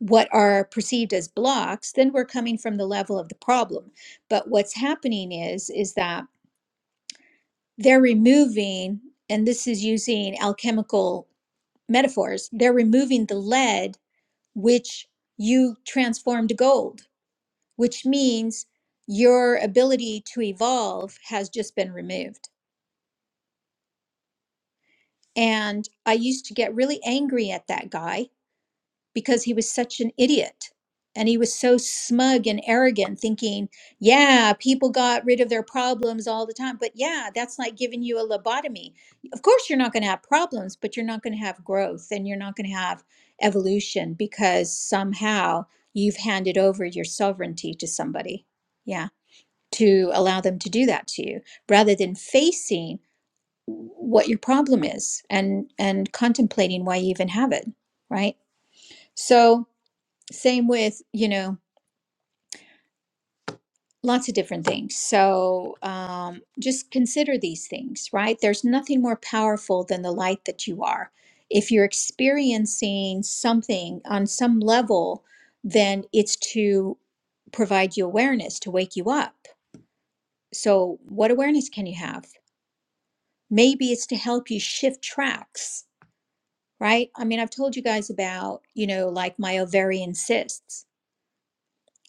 [SPEAKER 1] what are perceived as blocks, then we're coming from the level of the problem. But what's happening is is that they're removing, and this is using alchemical metaphors, they're removing the lead which you transform to gold which means your ability to evolve has just been removed. And I used to get really angry at that guy because he was such an idiot. And he was so smug and arrogant, thinking, yeah, people got rid of their problems all the time. But yeah, that's like giving you a lobotomy. Of course, you're not going to have problems, but you're not going to have growth and you're not going to have evolution because somehow you've handed over your sovereignty to somebody. Yeah. to allow them to do that to you rather than facing what your problem is and and contemplating why you even have it right so same with you know lots of different things so um, just consider these things right there's nothing more powerful than the light that you are if you're experiencing something on some level then it's to provide you awareness to wake you up so what awareness can you have maybe it's to help you shift tracks right i mean i've told you guys about you know like my ovarian cysts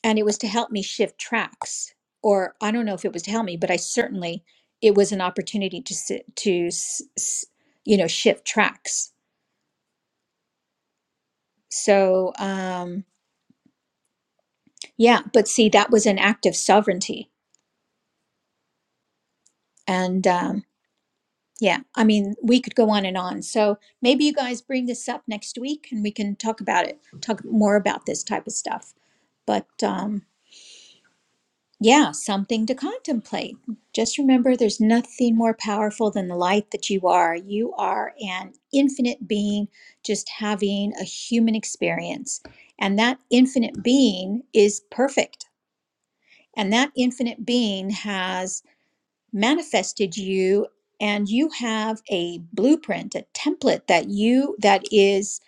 [SPEAKER 1] and it was to help me shift tracks or i don't know if it was to help me but i certainly it was an opportunity to sit to s- s- you know shift tracks so um yeah but see that was an act of sovereignty and um Yeah, I mean, we could go on and on. So maybe you guys bring this up next week and we can talk about it, talk more about this type of stuff. But um, yeah, something to contemplate. Just remember there's nothing more powerful than the light that you are. You are an infinite being just having a human experience. And that infinite being is perfect. And that infinite being has manifested you and you have a blueprint a template that you that is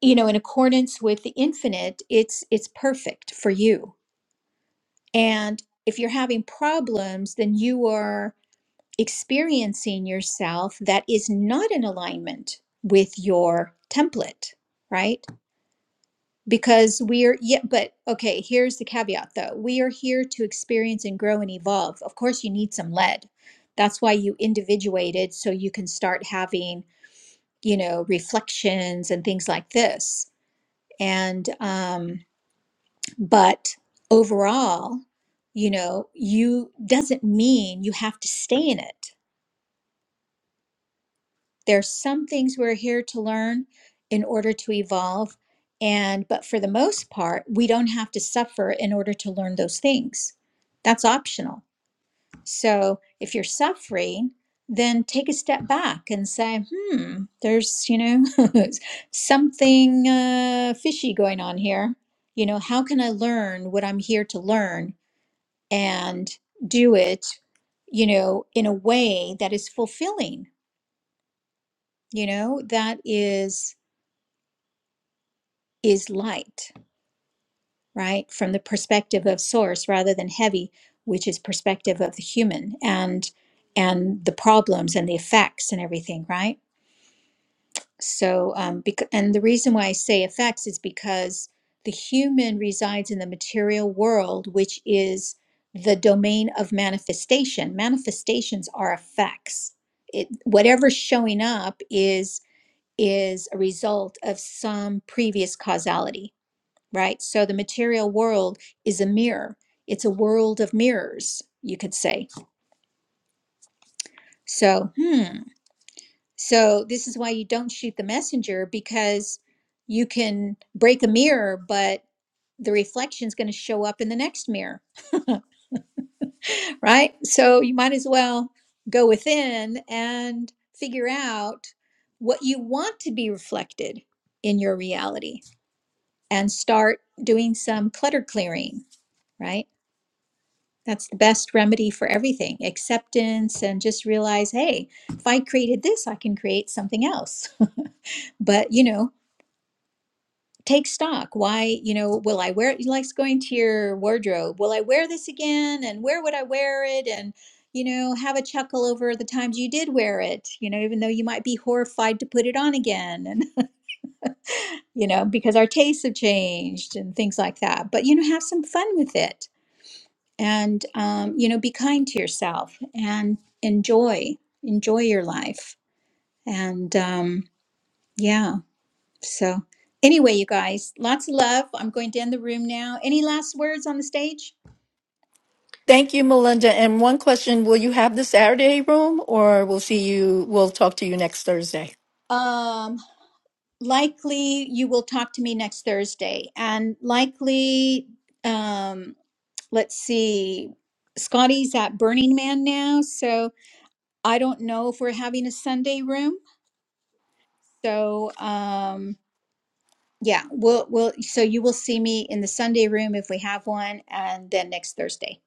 [SPEAKER 1] you know in accordance with the infinite it's it's perfect for you and if you're having problems then you are experiencing yourself that is not in alignment with your template right because we are yeah but okay here's the caveat though we are here to experience and grow and evolve of course you need some lead that's why you individuated so you can start having you know reflections and things like this and um but overall you know you doesn't mean you have to stay in it there's some things we're here to learn in order to evolve and but for the most part we don't have to suffer in order to learn those things that's optional so if you're suffering then take a step back and say hmm there's you know something uh, fishy going on here you know how can i learn what i'm here to learn and do it you know in a way that is fulfilling you know that is is light, right? From the perspective of source rather than heavy, which is perspective of the human and and the problems and the effects and everything, right? So um because, and the reason why I say effects is because the human resides in the material world, which is the domain of manifestation. Manifestations are effects. It whatever's showing up is is a result of some previous causality right? So the material world is a mirror. It's a world of mirrors, you could say. So, hmm. So this is why you don't shoot the messenger because you can break a mirror, but the reflection's going to show up in the next mirror, right? So you might as well go within and figure out what you want to be reflected in your reality and start doing some clutter clearing, right? That's the best remedy for everything acceptance and just realize, hey, if I created this, I can create something else. But, you know, take stock. Why, you know, will I wear it? You Like going to your wardrobe, will I wear this again? And where would I wear it? And, you know, have a chuckle over the times you did wear it, you know, even though you might be horrified to put it on again. And, you know, because our tastes have changed and things like that. But, you know, have some fun with it and um, you know be kind to yourself and enjoy enjoy your life and um, yeah so anyway you guys lots of love i'm going to end the room now any last words on the stage
[SPEAKER 2] thank you, Melinda. And one question: Will you have the Saturday room, or we'll see you? We'll talk to you next Thursday.
[SPEAKER 1] um likely you will talk to me next thursday and likely um let's see scotty's at burning man now so i don't know if we're having a sunday room so um, Yeah, we'll we'll so you will see me in the Sunday room if we have one, and then next Thursday.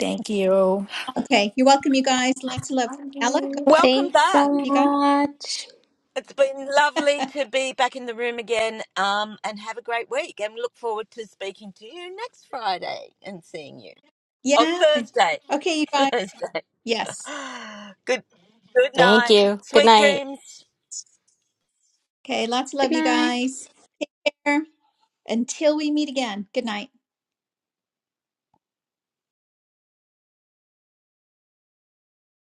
[SPEAKER 2] Thank you.
[SPEAKER 1] Okay, you're welcome, you guys. Lots of love.
[SPEAKER 2] I'm
[SPEAKER 1] Ella, go-
[SPEAKER 4] welcome
[SPEAKER 5] Thanks
[SPEAKER 4] back.
[SPEAKER 5] so
[SPEAKER 1] you guys.
[SPEAKER 5] much.
[SPEAKER 4] It's been lovely to be back in the room again um, and have a great week. And look forward to speaking to you next Friday and seeing you. Oh,
[SPEAKER 1] Yeah.
[SPEAKER 4] Thursday.
[SPEAKER 1] Okay, you guys.
[SPEAKER 4] Thursday.
[SPEAKER 1] Yes.
[SPEAKER 4] Good. Good
[SPEAKER 3] Thank
[SPEAKER 4] night.
[SPEAKER 3] you. Good
[SPEAKER 4] Sweet
[SPEAKER 3] night.
[SPEAKER 4] dreams.
[SPEAKER 1] Okay, lots of
[SPEAKER 5] Good
[SPEAKER 1] love, you
[SPEAKER 5] night.
[SPEAKER 1] guys. Take care until we meet again. Good night.